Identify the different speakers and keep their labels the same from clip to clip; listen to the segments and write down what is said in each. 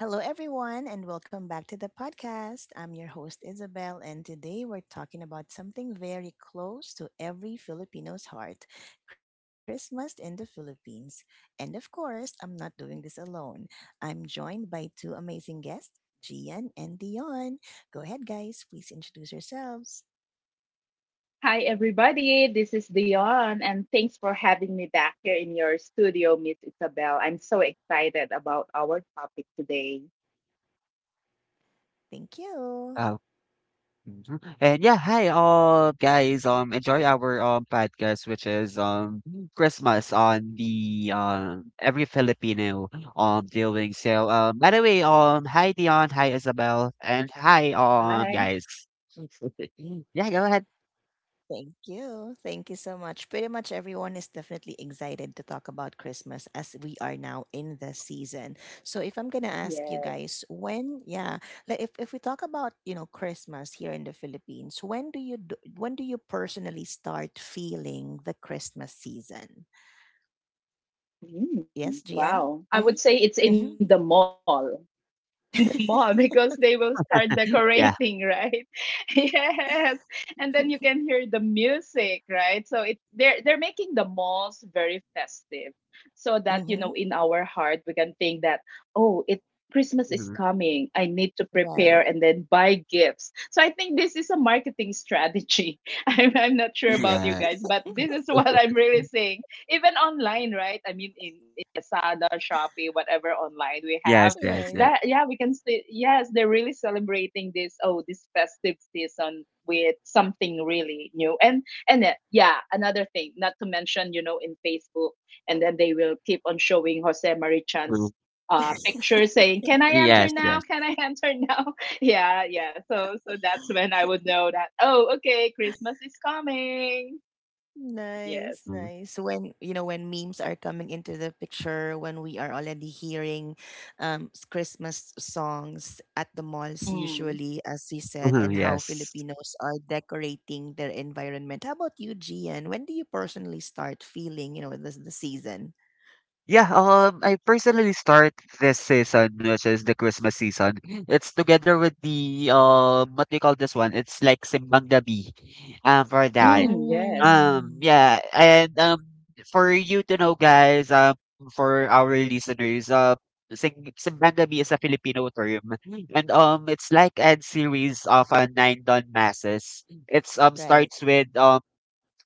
Speaker 1: Hello, everyone, and welcome back to the podcast. I'm your host, Isabel, and today we're talking about something very close to every Filipino's heart: Christmas in the Philippines. And of course, I'm not doing this alone. I'm joined by two amazing guests, Gian and Dion. Go ahead, guys, please introduce yourselves.
Speaker 2: Hi, everybody. This is Dion, and thanks for having me back here in your studio, Miss Isabel. I'm so excited about our topic today.
Speaker 1: Thank you.
Speaker 3: Oh, mhm. And yeah, hi all guys. Enjoy our podcast, which is Christmas on the every Filipino doing. By the way, hi Dion, hi Isabel, and hi
Speaker 2: Hi.
Speaker 3: guys. Yeah, go ahead.
Speaker 1: Thank you. Thank you so much. Pretty much everyone is definitely excited to talk about Christmas as we are now in the season. So if I'm gonna ask you
Speaker 2: Yes.
Speaker 1: guys when, yeah, like if we talk about, Christmas here in the Philippines, when do you personally start feeling the Christmas season? Yes, Gian?
Speaker 2: Wow. I
Speaker 1: Mm-hmm.
Speaker 2: would say it's in the
Speaker 1: Mm-hmm.
Speaker 2: mall. The mall because they will start decorating,
Speaker 3: Yeah,
Speaker 2: right? Yes. And then you can hear the music, right? So it they're making the malls very festive so that you know
Speaker 1: Mm-hmm.
Speaker 2: in our heart we can think that oh it Christmas is
Speaker 3: mhm.
Speaker 2: coming. I need to prepare
Speaker 1: Right.
Speaker 2: and then buy gifts. So I think this is a marketing strategy. I'm not sure about you
Speaker 3: Yeah,
Speaker 2: guys, but this is what I'm really seeing. Even online, right? I mean, in Lazada, Shopee, whatever online we have,
Speaker 3: yes,
Speaker 1: Right.
Speaker 3: yes, yes.
Speaker 2: Yeah, we can see. Yes, they're really celebrating this. Oh, this festive season with something really new. And yeah, another thing. Not to mention, you know, in Facebook, and then they will keep on showing Jose Marichan's
Speaker 3: Mhm.
Speaker 2: picture saying, "Can I enter
Speaker 3: Yes,
Speaker 2: now?
Speaker 3: yes.
Speaker 2: Can I enter now?" Yeah, yeah. So that's when I would know that. Oh, okay, Christmas is coming.
Speaker 1: Nice,
Speaker 2: Yes.
Speaker 3: Mhm.
Speaker 1: nice. When you know when memes are coming into the picture, when we are already hearing Christmas songs at the malls,
Speaker 2: Mm.
Speaker 1: usually as we said,
Speaker 3: Mhm,
Speaker 1: and how
Speaker 3: yes.
Speaker 1: Filipinos are decorating their environment. How about you, Gian? When do you personally start feeling the season?
Speaker 3: Yeah, I personally start this season, which is the Christmas season. It's together with the what do you call this one? It's like Simbang Gabi, for that.
Speaker 2: Mm, yes.
Speaker 1: Mm,
Speaker 3: Yeah, and for you to know, guys, for our listeners, Sing Simbang Gabi is a Filipino term, and it's like a series of nine dawn masses. It's
Speaker 1: right.
Speaker 3: starts with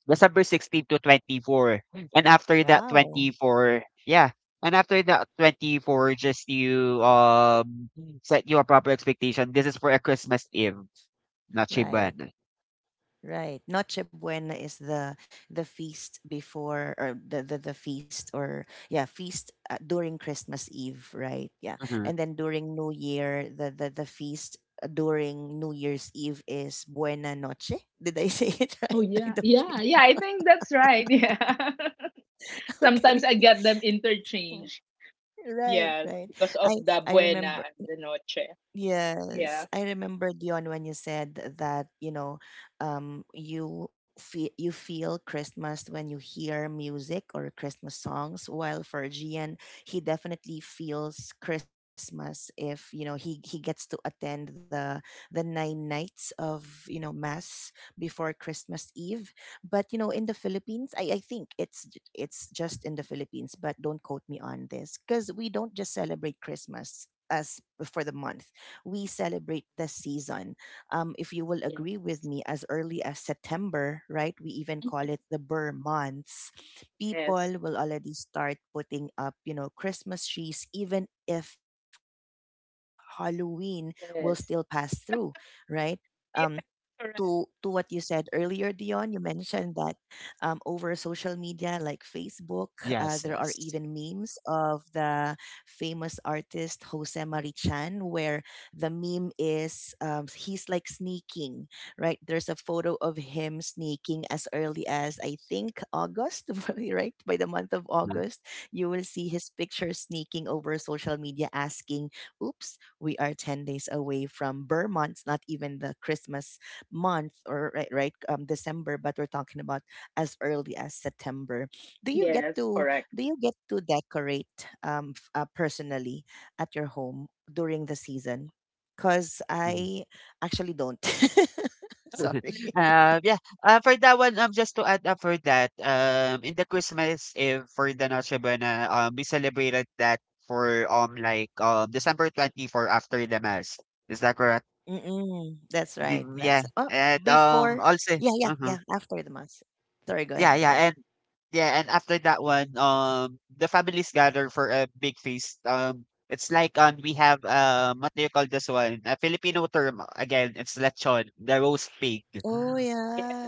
Speaker 3: December 16 to 24. And after that
Speaker 1: Wow.
Speaker 3: 24, yeah. And after that 24, just you set you a proper expectation. This is for a Christmas Eve, not
Speaker 1: Right.
Speaker 3: Shiban.
Speaker 1: Right. Noche Buena is the feast before, or the feast, or yeah, feast during Christmas Eve, right? Yeah.
Speaker 3: Mm-hmm.
Speaker 1: And then during New Year, the feast during New Year's Eve is Buena Noche. Did I say it
Speaker 2: Oh
Speaker 1: right? I
Speaker 2: yeah,
Speaker 1: don't
Speaker 2: yeah, yeah.
Speaker 1: really.
Speaker 2: I think that's right. Yeah.
Speaker 1: Okay.
Speaker 2: Sometimes I get them interchanged.
Speaker 1: Right,
Speaker 2: Yes,
Speaker 1: right.
Speaker 2: because
Speaker 1: I
Speaker 2: of the
Speaker 1: I
Speaker 2: buena
Speaker 1: remember
Speaker 2: and the noche.
Speaker 1: Yes,
Speaker 2: Yeah.
Speaker 1: I remember, Dion, when you said that, you feel Christmas when you hear music or Christmas songs, while for Gian, he definitely feels Christmas if, he gets to attend the 9 nights of, mass before Christmas Eve. But, in the Philippines, I think it's just in the Philippines, but don't quote me on this, because we don't just celebrate Christmas as for the month, we celebrate the season. If you will agree with
Speaker 2: Yes.
Speaker 1: me, as early as September, right? We even call it the Burr months. People
Speaker 2: Yes.
Speaker 1: will already start putting up, Christmas trees, even if Halloween will still pass through,
Speaker 2: Yes.
Speaker 1: right? Um, to
Speaker 2: Yes.
Speaker 1: to what you said
Speaker 2: Correct.
Speaker 1: earlier, Dion. You mentioned that over social media like Facebook, there are
Speaker 3: Yes,
Speaker 1: even
Speaker 3: yes.
Speaker 1: memes of the famous artist Jose Marichan, where the meme is he's like sneaking, right? There's a photo of him sneaking as early as I think August, right? By the month of
Speaker 3: Mhm,
Speaker 1: August, you will see his picture sneaking over social media, asking, "Oops, we are 10 days away from Vermont's, not even the Christmas month or right, right December, but we're talking about as early as September." Do you get
Speaker 2: Yes.
Speaker 1: to do
Speaker 2: Correct.
Speaker 1: you get to decorate personally at your home during the season? Because
Speaker 3: mhm.
Speaker 1: I actually don't.
Speaker 2: Oh,
Speaker 1: Sorry.
Speaker 2: really?
Speaker 3: Yeah. For that one, just to add up for that, in the Christmas Eve for the Noche Buena, we celebrated that for like December 24 after the mass. Is that correct?
Speaker 1: Mm-mm, that's right.
Speaker 3: Gin, yeah,
Speaker 1: That's oh
Speaker 3: and,
Speaker 1: before.
Speaker 3: also
Speaker 1: Yeah, yeah,
Speaker 3: uh-huh.
Speaker 1: yeah. After the mass. Sorry. Go
Speaker 3: Yeah,
Speaker 1: ahead. Go
Speaker 3: yeah,
Speaker 1: ahead.
Speaker 3: and yeah, and after that one, the families gather for a big feast. It's like we have what do you call this one? A Filipino term again. It's lechon, the roast pig.
Speaker 1: Oh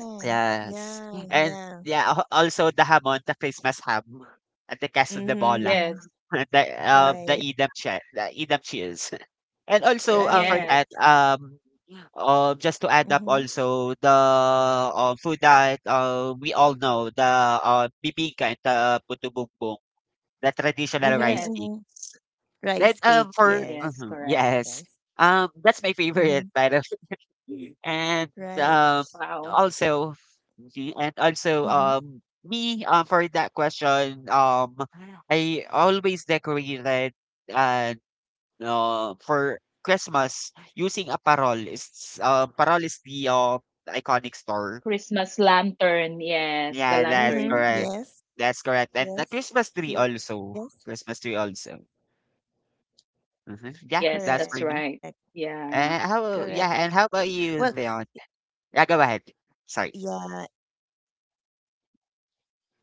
Speaker 2: Yes.
Speaker 3: Yes,
Speaker 1: yeah,
Speaker 3: and
Speaker 1: yeah.
Speaker 3: yeah, also the hamon, the Christmas ham, at the Casa de
Speaker 1: Mm-hmm,
Speaker 3: Bola,
Speaker 1: mm-hmm.
Speaker 2: Yes.
Speaker 3: the
Speaker 1: Right,
Speaker 3: idam che, the idam cheese, and also for
Speaker 1: right.
Speaker 3: that
Speaker 2: Yes.
Speaker 3: just to add up
Speaker 1: Mm-hmm,
Speaker 3: also the food that we all know, the bibingka and the puto bumbong, the traditional rice
Speaker 1: mm-hmm,
Speaker 3: cake.
Speaker 2: Yes.
Speaker 1: mm-hmm.
Speaker 3: Then
Speaker 1: Rice cake,
Speaker 3: for
Speaker 2: Yes.
Speaker 1: yes,
Speaker 2: Correct.
Speaker 3: yes,
Speaker 1: yes.
Speaker 3: that's my favorite
Speaker 1: Mm-hmm,
Speaker 3: by the way. And
Speaker 1: right.
Speaker 3: um,
Speaker 2: Wow.
Speaker 3: also, and also
Speaker 1: Mm-hmm,
Speaker 3: me for that question, I always decorated uh, for Christmas, using a parol. Is Parol is the iconic store.
Speaker 2: Christmas lantern. Yes. The
Speaker 3: Yeah, that's
Speaker 1: mm-hmm.
Speaker 2: lantern.
Speaker 3: correct.
Speaker 1: Yes,
Speaker 3: That's correct. And the
Speaker 1: yes,
Speaker 3: Christmas tree
Speaker 1: yes.
Speaker 3: also. Christmas tree also.
Speaker 1: Correct,
Speaker 3: Hmm, yeah,
Speaker 2: Yes.
Speaker 3: that's for
Speaker 2: That's
Speaker 3: me.
Speaker 1: correct.
Speaker 2: right.
Speaker 1: Well,
Speaker 2: Yeah.
Speaker 3: And how? Yeah, and how about you, Leon?
Speaker 1: yeah,
Speaker 3: Yeah, go ahead. Sorry.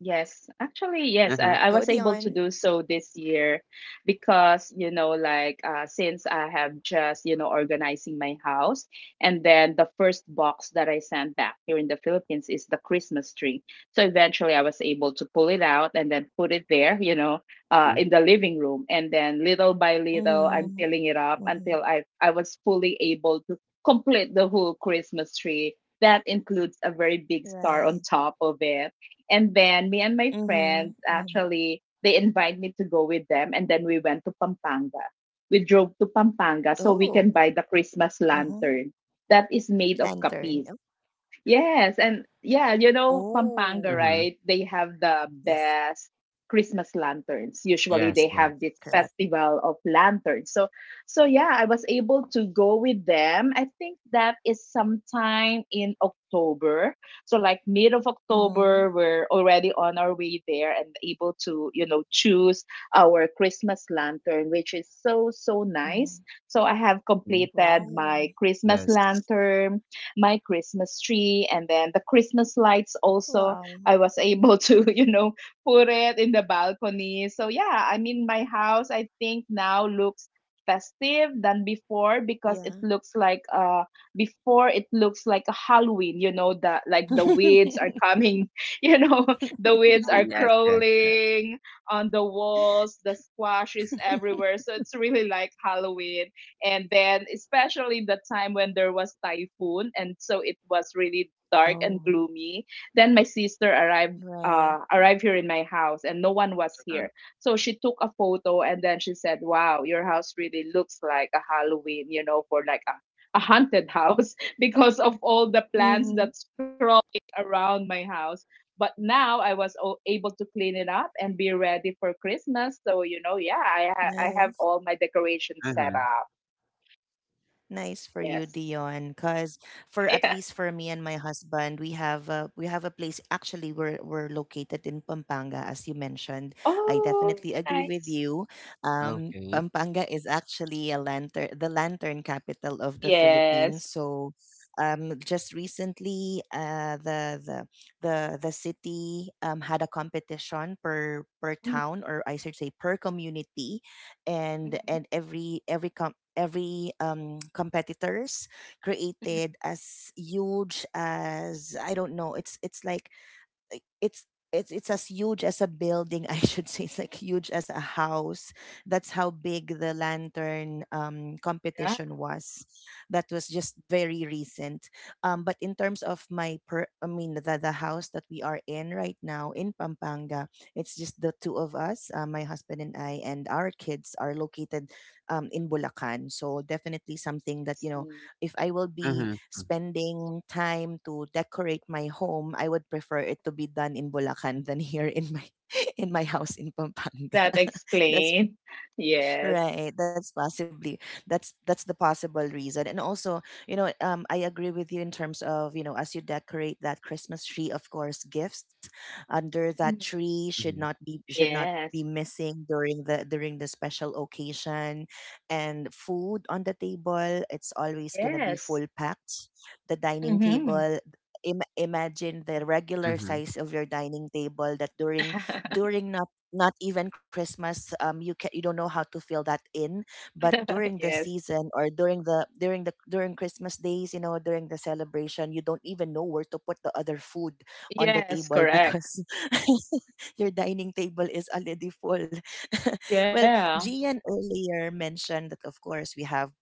Speaker 1: go, Dion.
Speaker 2: actually, yes, I,
Speaker 3: Mm-hmm.
Speaker 2: I was able to do so this year because, you know, since I have just, you know, organizing my house, and then the first box that I sent back here in the Philippines is the Christmas tree. So eventually I was able to pull it out and then put it there, you know,
Speaker 3: Mm-hmm.
Speaker 2: in the living room. And then little
Speaker 1: Mm-hmm,
Speaker 2: by little, I'm
Speaker 1: mm-hmm.
Speaker 2: filling it up until I was fully able to complete the whole Christmas tree. That includes a very big
Speaker 1: Right.
Speaker 2: star on top of it, and then me and my
Speaker 1: Mm-hmm,
Speaker 2: friends,
Speaker 1: mm-hmm.
Speaker 2: actually they invite me to go with them, and then we went to Pampanga. We drove to Pampanga so we
Speaker 1: Oh,
Speaker 2: can buy the Christmas
Speaker 1: mm-hmm.
Speaker 2: lantern that is made of
Speaker 1: Lantern. Oh,
Speaker 2: kapis. Yes, and yeah, you know, Pampanga,
Speaker 1: oh,
Speaker 3: Mm-hmm.
Speaker 2: right? They have the
Speaker 1: yes,
Speaker 2: best Christmas lanterns. Usually
Speaker 3: Yes.
Speaker 2: they
Speaker 3: Yes.
Speaker 2: have this
Speaker 1: correct.
Speaker 2: festival of lanterns. So yeah, I was able to go with them. I think that is sometime in October. So like mid of
Speaker 1: Mm-hmm,
Speaker 2: October, we're already on our way there and able to, you know, choose our Christmas lantern, which is so nice.
Speaker 1: mm-hmm.
Speaker 2: So I have
Speaker 3: Mhm.
Speaker 2: completed my
Speaker 1: Wow,
Speaker 2: Christmas
Speaker 3: Yes.
Speaker 2: lantern, my Christmas tree, and then the Christmas lights also. I
Speaker 1: wow.
Speaker 2: was able to, you know, put it in the balcony. So yeah, I mean my house I think now looks festive than before because it
Speaker 1: Yeah.
Speaker 2: looks like before it looks like a Halloween, you know, the like the weeds are coming, you know, the weeds are
Speaker 3: Yes. Yes, yes.
Speaker 2: crawling on the walls, the squash is everywhere. So it's really like Halloween, and then especially the time when there was typhoon and so it was really dark and
Speaker 1: Oh,
Speaker 2: gloomy, then my sister arrived,
Speaker 1: right.
Speaker 2: arrived here in my house, and no one was
Speaker 3: Mm-hmm.
Speaker 2: here, so she took a photo and then she said, wow, your house really looks like a Halloween, you know, for like a haunted house because of all the plants
Speaker 1: Mm-hmm.
Speaker 2: that's crawling around my house. But now able to clean it up and be ready for Christmas. So you know, yeah, I have
Speaker 1: Nice.
Speaker 2: all my decorations set.
Speaker 3: Mm-hmm.
Speaker 1: Nice for you,
Speaker 2: Yes.
Speaker 1: Dion. Cause for at
Speaker 2: Yeah.
Speaker 1: least for me and my husband, we have a place. Actually, we're located in Pampanga, as you mentioned. I
Speaker 2: Oh,
Speaker 1: definitely agree with
Speaker 2: nice.
Speaker 1: you.
Speaker 3: Okay.
Speaker 1: Pampanga is actually a lantern, the lantern capital of the Philippines.
Speaker 2: Yes.
Speaker 1: So, just recently, the city had a competition per
Speaker 2: Mhm,
Speaker 1: town, or I should say per community, and
Speaker 2: mhm,
Speaker 1: every competitors
Speaker 2: mhm.
Speaker 1: created as huge as I don't know, like, it's it's as huge as a building, I should say it's like huge as a house. That's how big the lantern
Speaker 2: Yeah,
Speaker 1: competition was. That was just very recent, but in terms of my per I mean the house that we are in right now in Pampanga. It's just the two of us, my husband and I, and our kids are located in Bulacan, so definitely something
Speaker 2: I
Speaker 1: that
Speaker 2: see.
Speaker 1: if I will be
Speaker 3: Mm-hmm. Mm-hmm.
Speaker 1: spending time to decorate my home, I would prefer it to be done in Bulacan than here in my in my
Speaker 2: Oh,
Speaker 1: house in Pampanga.
Speaker 2: that
Speaker 1: That's
Speaker 2: explain. Yes.
Speaker 1: Right, that's possibly that's the possible reason. And also, I agree with you in terms of, as you decorate that Christmas tree, of course, gifts under
Speaker 2: Mhm.
Speaker 1: that tree should
Speaker 3: Mm-hmm.
Speaker 1: not be should not
Speaker 2: Yes.
Speaker 1: be missing during the special occasion, and food on the table it's always going to be
Speaker 2: Yes.
Speaker 1: full packed, the dining
Speaker 2: Hmm.
Speaker 1: table. Imagine the regular
Speaker 3: Mm-hmm.
Speaker 1: size of your dining table, that during during not even Christmas, you don't know how to fill that in. But during the
Speaker 2: Yes.
Speaker 1: season, or during the during Christmas days, during the celebration, you don't even know where to put the other food on the
Speaker 2: Yes,
Speaker 1: table
Speaker 2: correct.
Speaker 1: because your dining table is already full. Well,
Speaker 2: Yeah.
Speaker 1: Gian earlier mentioned that of course we have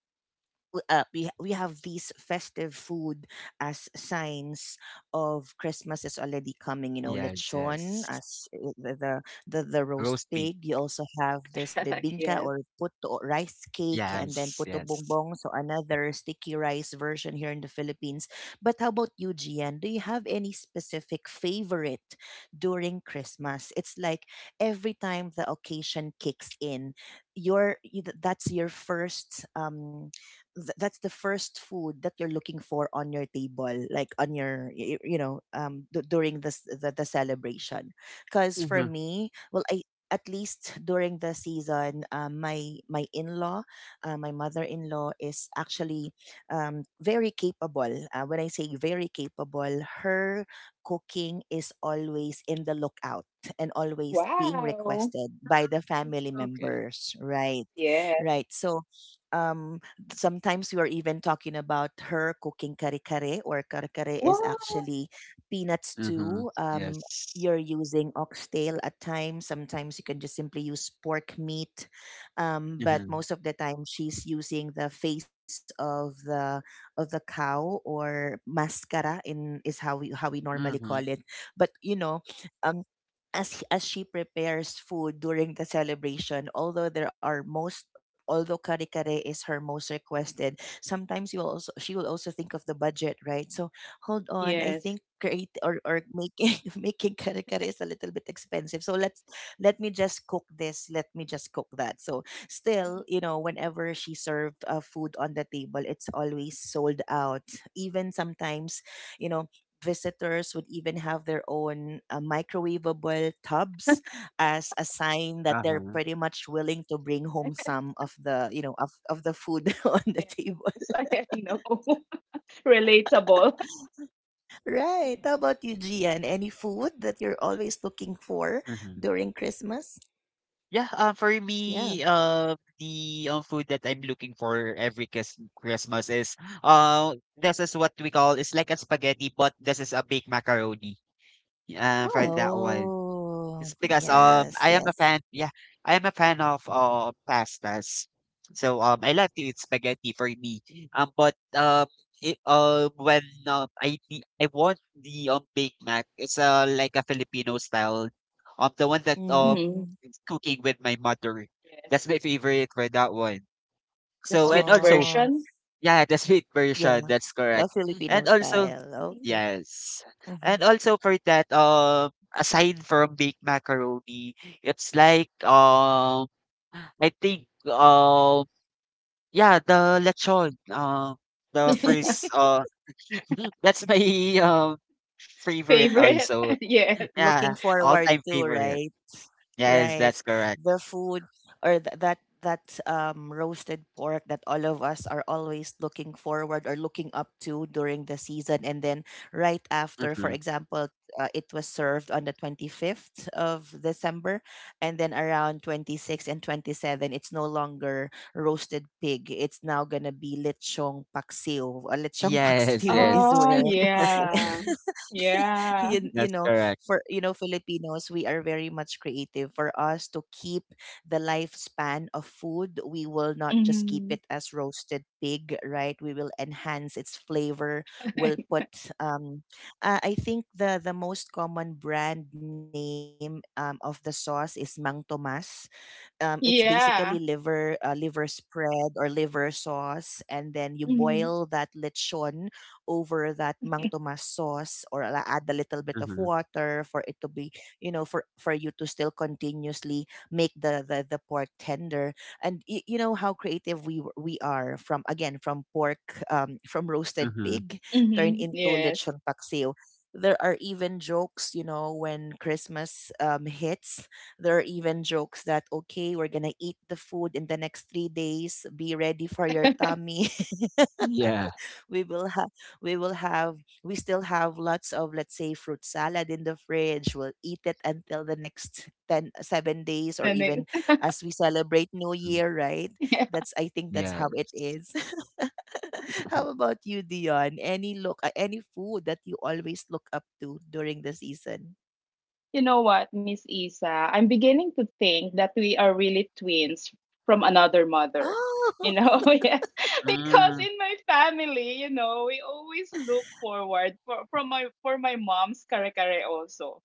Speaker 1: we have these festive food as signs of Christmas is already coming. You know,
Speaker 3: Yes.
Speaker 1: lechon
Speaker 3: Yes.
Speaker 1: as the roast
Speaker 3: Roast pig.
Speaker 1: pig. You also have this
Speaker 2: Yes.
Speaker 1: bibingka or puto rice cake, and then
Speaker 3: Yes,
Speaker 1: puto
Speaker 3: yes.
Speaker 1: bongbong. So another sticky rice version here in the Philippines. But how about you, Gian? Do you have any specific favorite during Christmas? It's like every time the occasion kicks in, that's your first that's the first food that you're looking for on your table, like on your y- y- you know d- during this the celebration, because for
Speaker 3: Mhm,
Speaker 1: me, well, I at least during the season, my my in-law my mother-in-law is actually very capable. Uh, when I say very capable, her cooking is always in the lookout and always being
Speaker 2: Wow.
Speaker 1: requested by the family members, right
Speaker 2: Yes.
Speaker 1: right so um sometimes we are even talking about her cooking kare kare, or kare kare is
Speaker 2: Wow.
Speaker 1: actually peanuts
Speaker 3: mhm.
Speaker 1: stew.
Speaker 3: Yes.
Speaker 1: You're using oxtail at times. Sometimes you can just simply use pork meat, but
Speaker 3: Mhm,
Speaker 1: most of the time she's using the face of the cow, or mascara in is how we normally
Speaker 3: mhm.
Speaker 1: call it. But you know, um as she prepares food during the celebration, although there are most although kare kare is her most requested, sometimes you will also she will also think of the budget, right? So hold on, I think
Speaker 2: Yes.
Speaker 1: create or making making kare kare is a little bit expensive, so let me just cook this, let me just cook that. So still,
Speaker 2: Mhm.
Speaker 1: whenever she served food on the table, it's always sold out. Even sometimes, you know visitors would even have their own microwavable tubs, as a sign that they're
Speaker 3: Uh-huh,
Speaker 1: pretty much willing to bring home some of the of the food on the table.
Speaker 2: Yes, I know. Relatable. Yeah.
Speaker 1: Right. How about you, Gian? Any food that you're always looking for
Speaker 3: mhm.
Speaker 1: during Christmas?
Speaker 3: Yeah, for
Speaker 1: Yeah.
Speaker 3: me, the food that I'm looking for every Christmas is, this is what we call, it's like a spaghetti, but this is a baked macaroni. For that
Speaker 2: Oh.
Speaker 3: one.
Speaker 1: Oh
Speaker 3: It's because
Speaker 1: yes,
Speaker 3: I am a
Speaker 1: yes.
Speaker 3: fan, yeah, I am a fan of pastas. So I like to eat spaghetti for me. But it, when I want the Big Mac, it's like a Filipino style. The one that
Speaker 1: Mm-hmm.
Speaker 2: Mhm.
Speaker 3: cooking with my mother. That's my
Speaker 2: Yes.
Speaker 3: favorite for that one.
Speaker 2: The
Speaker 3: So and
Speaker 2: sweet
Speaker 3: also
Speaker 1: Oh
Speaker 2: version?
Speaker 3: yeah, yeah, the sweet version,
Speaker 1: yeah,
Speaker 3: that's correct.
Speaker 1: a Filipino
Speaker 3: And also
Speaker 1: style, okay.
Speaker 3: yes. And
Speaker 1: Hmm.
Speaker 3: also for that, aside from baked macaroni, it's like I think yeah, the lechon. The first that's my um favorite
Speaker 2: Favorite?
Speaker 3: also.
Speaker 2: Yes.
Speaker 3: Yeah,
Speaker 1: Looking forward
Speaker 3: all-time
Speaker 1: to,
Speaker 3: favorite.
Speaker 1: right.
Speaker 3: Yes,
Speaker 1: Right.
Speaker 3: that's correct.
Speaker 1: The food that roasted pork that all of us are always looking forward or looking up to during the season. And then right after, for
Speaker 3: Mm-hmm.
Speaker 1: example, it was served on the 25th of December, and then around 26 and 27 it's no longer roasted pig, it's now going to be lechong paksiw. Lechong
Speaker 3: Yes,
Speaker 1: paksiw
Speaker 3: yes.
Speaker 1: is
Speaker 2: Oh,
Speaker 1: where
Speaker 2: yeah. Yeah.
Speaker 1: you
Speaker 3: That's
Speaker 1: know
Speaker 3: correct.
Speaker 1: for you know Filipinos, we are very much creative. For us to keep the lifespan of food, we will not just keep
Speaker 2: Hmm.
Speaker 1: it as roasted pig, right? We will enhance its flavor. We'll put I think the most common brand name of the sauce is Mang Tomas. It's basically
Speaker 2: Yeah.
Speaker 1: liver, liver spread or liver sauce, and then you
Speaker 2: Hmm.
Speaker 1: boil that lechon over that Mang Tomas sauce, or add a little bit of
Speaker 3: Mm-hmm.
Speaker 1: water for it to be, for you to still continuously make the pork tender. And you know how creative we are, from again from pork, from roasted
Speaker 3: Mm-hmm.
Speaker 1: pig turned
Speaker 2: Hmm.
Speaker 1: into
Speaker 2: Yes.
Speaker 1: lechon paksiw. There are even jokes, when Christmas hits. There are even jokes that, okay, we're going to eat the food in the next 3 days. Be ready for your tummy.
Speaker 3: Yeah.
Speaker 1: We will have, we still have lots of, let's say, fruit salad in the fridge. We'll eat it until the next 10, 7 days, or
Speaker 2: And
Speaker 1: even
Speaker 2: then,
Speaker 1: as we celebrate New
Speaker 3: Mm,
Speaker 1: Year, right?
Speaker 2: yeah.
Speaker 1: That's, I think that's how it
Speaker 3: yes.
Speaker 1: is. How about you, Dion? Any any food that you always look up to during the season?
Speaker 2: You know what, Miss Isa? I'm beginning to think that we are really twins from another mother. You
Speaker 1: Oh,
Speaker 2: know, yes, because
Speaker 3: Mm,
Speaker 2: in my family, you know, we always look forward for from my for my mom's kare kare also.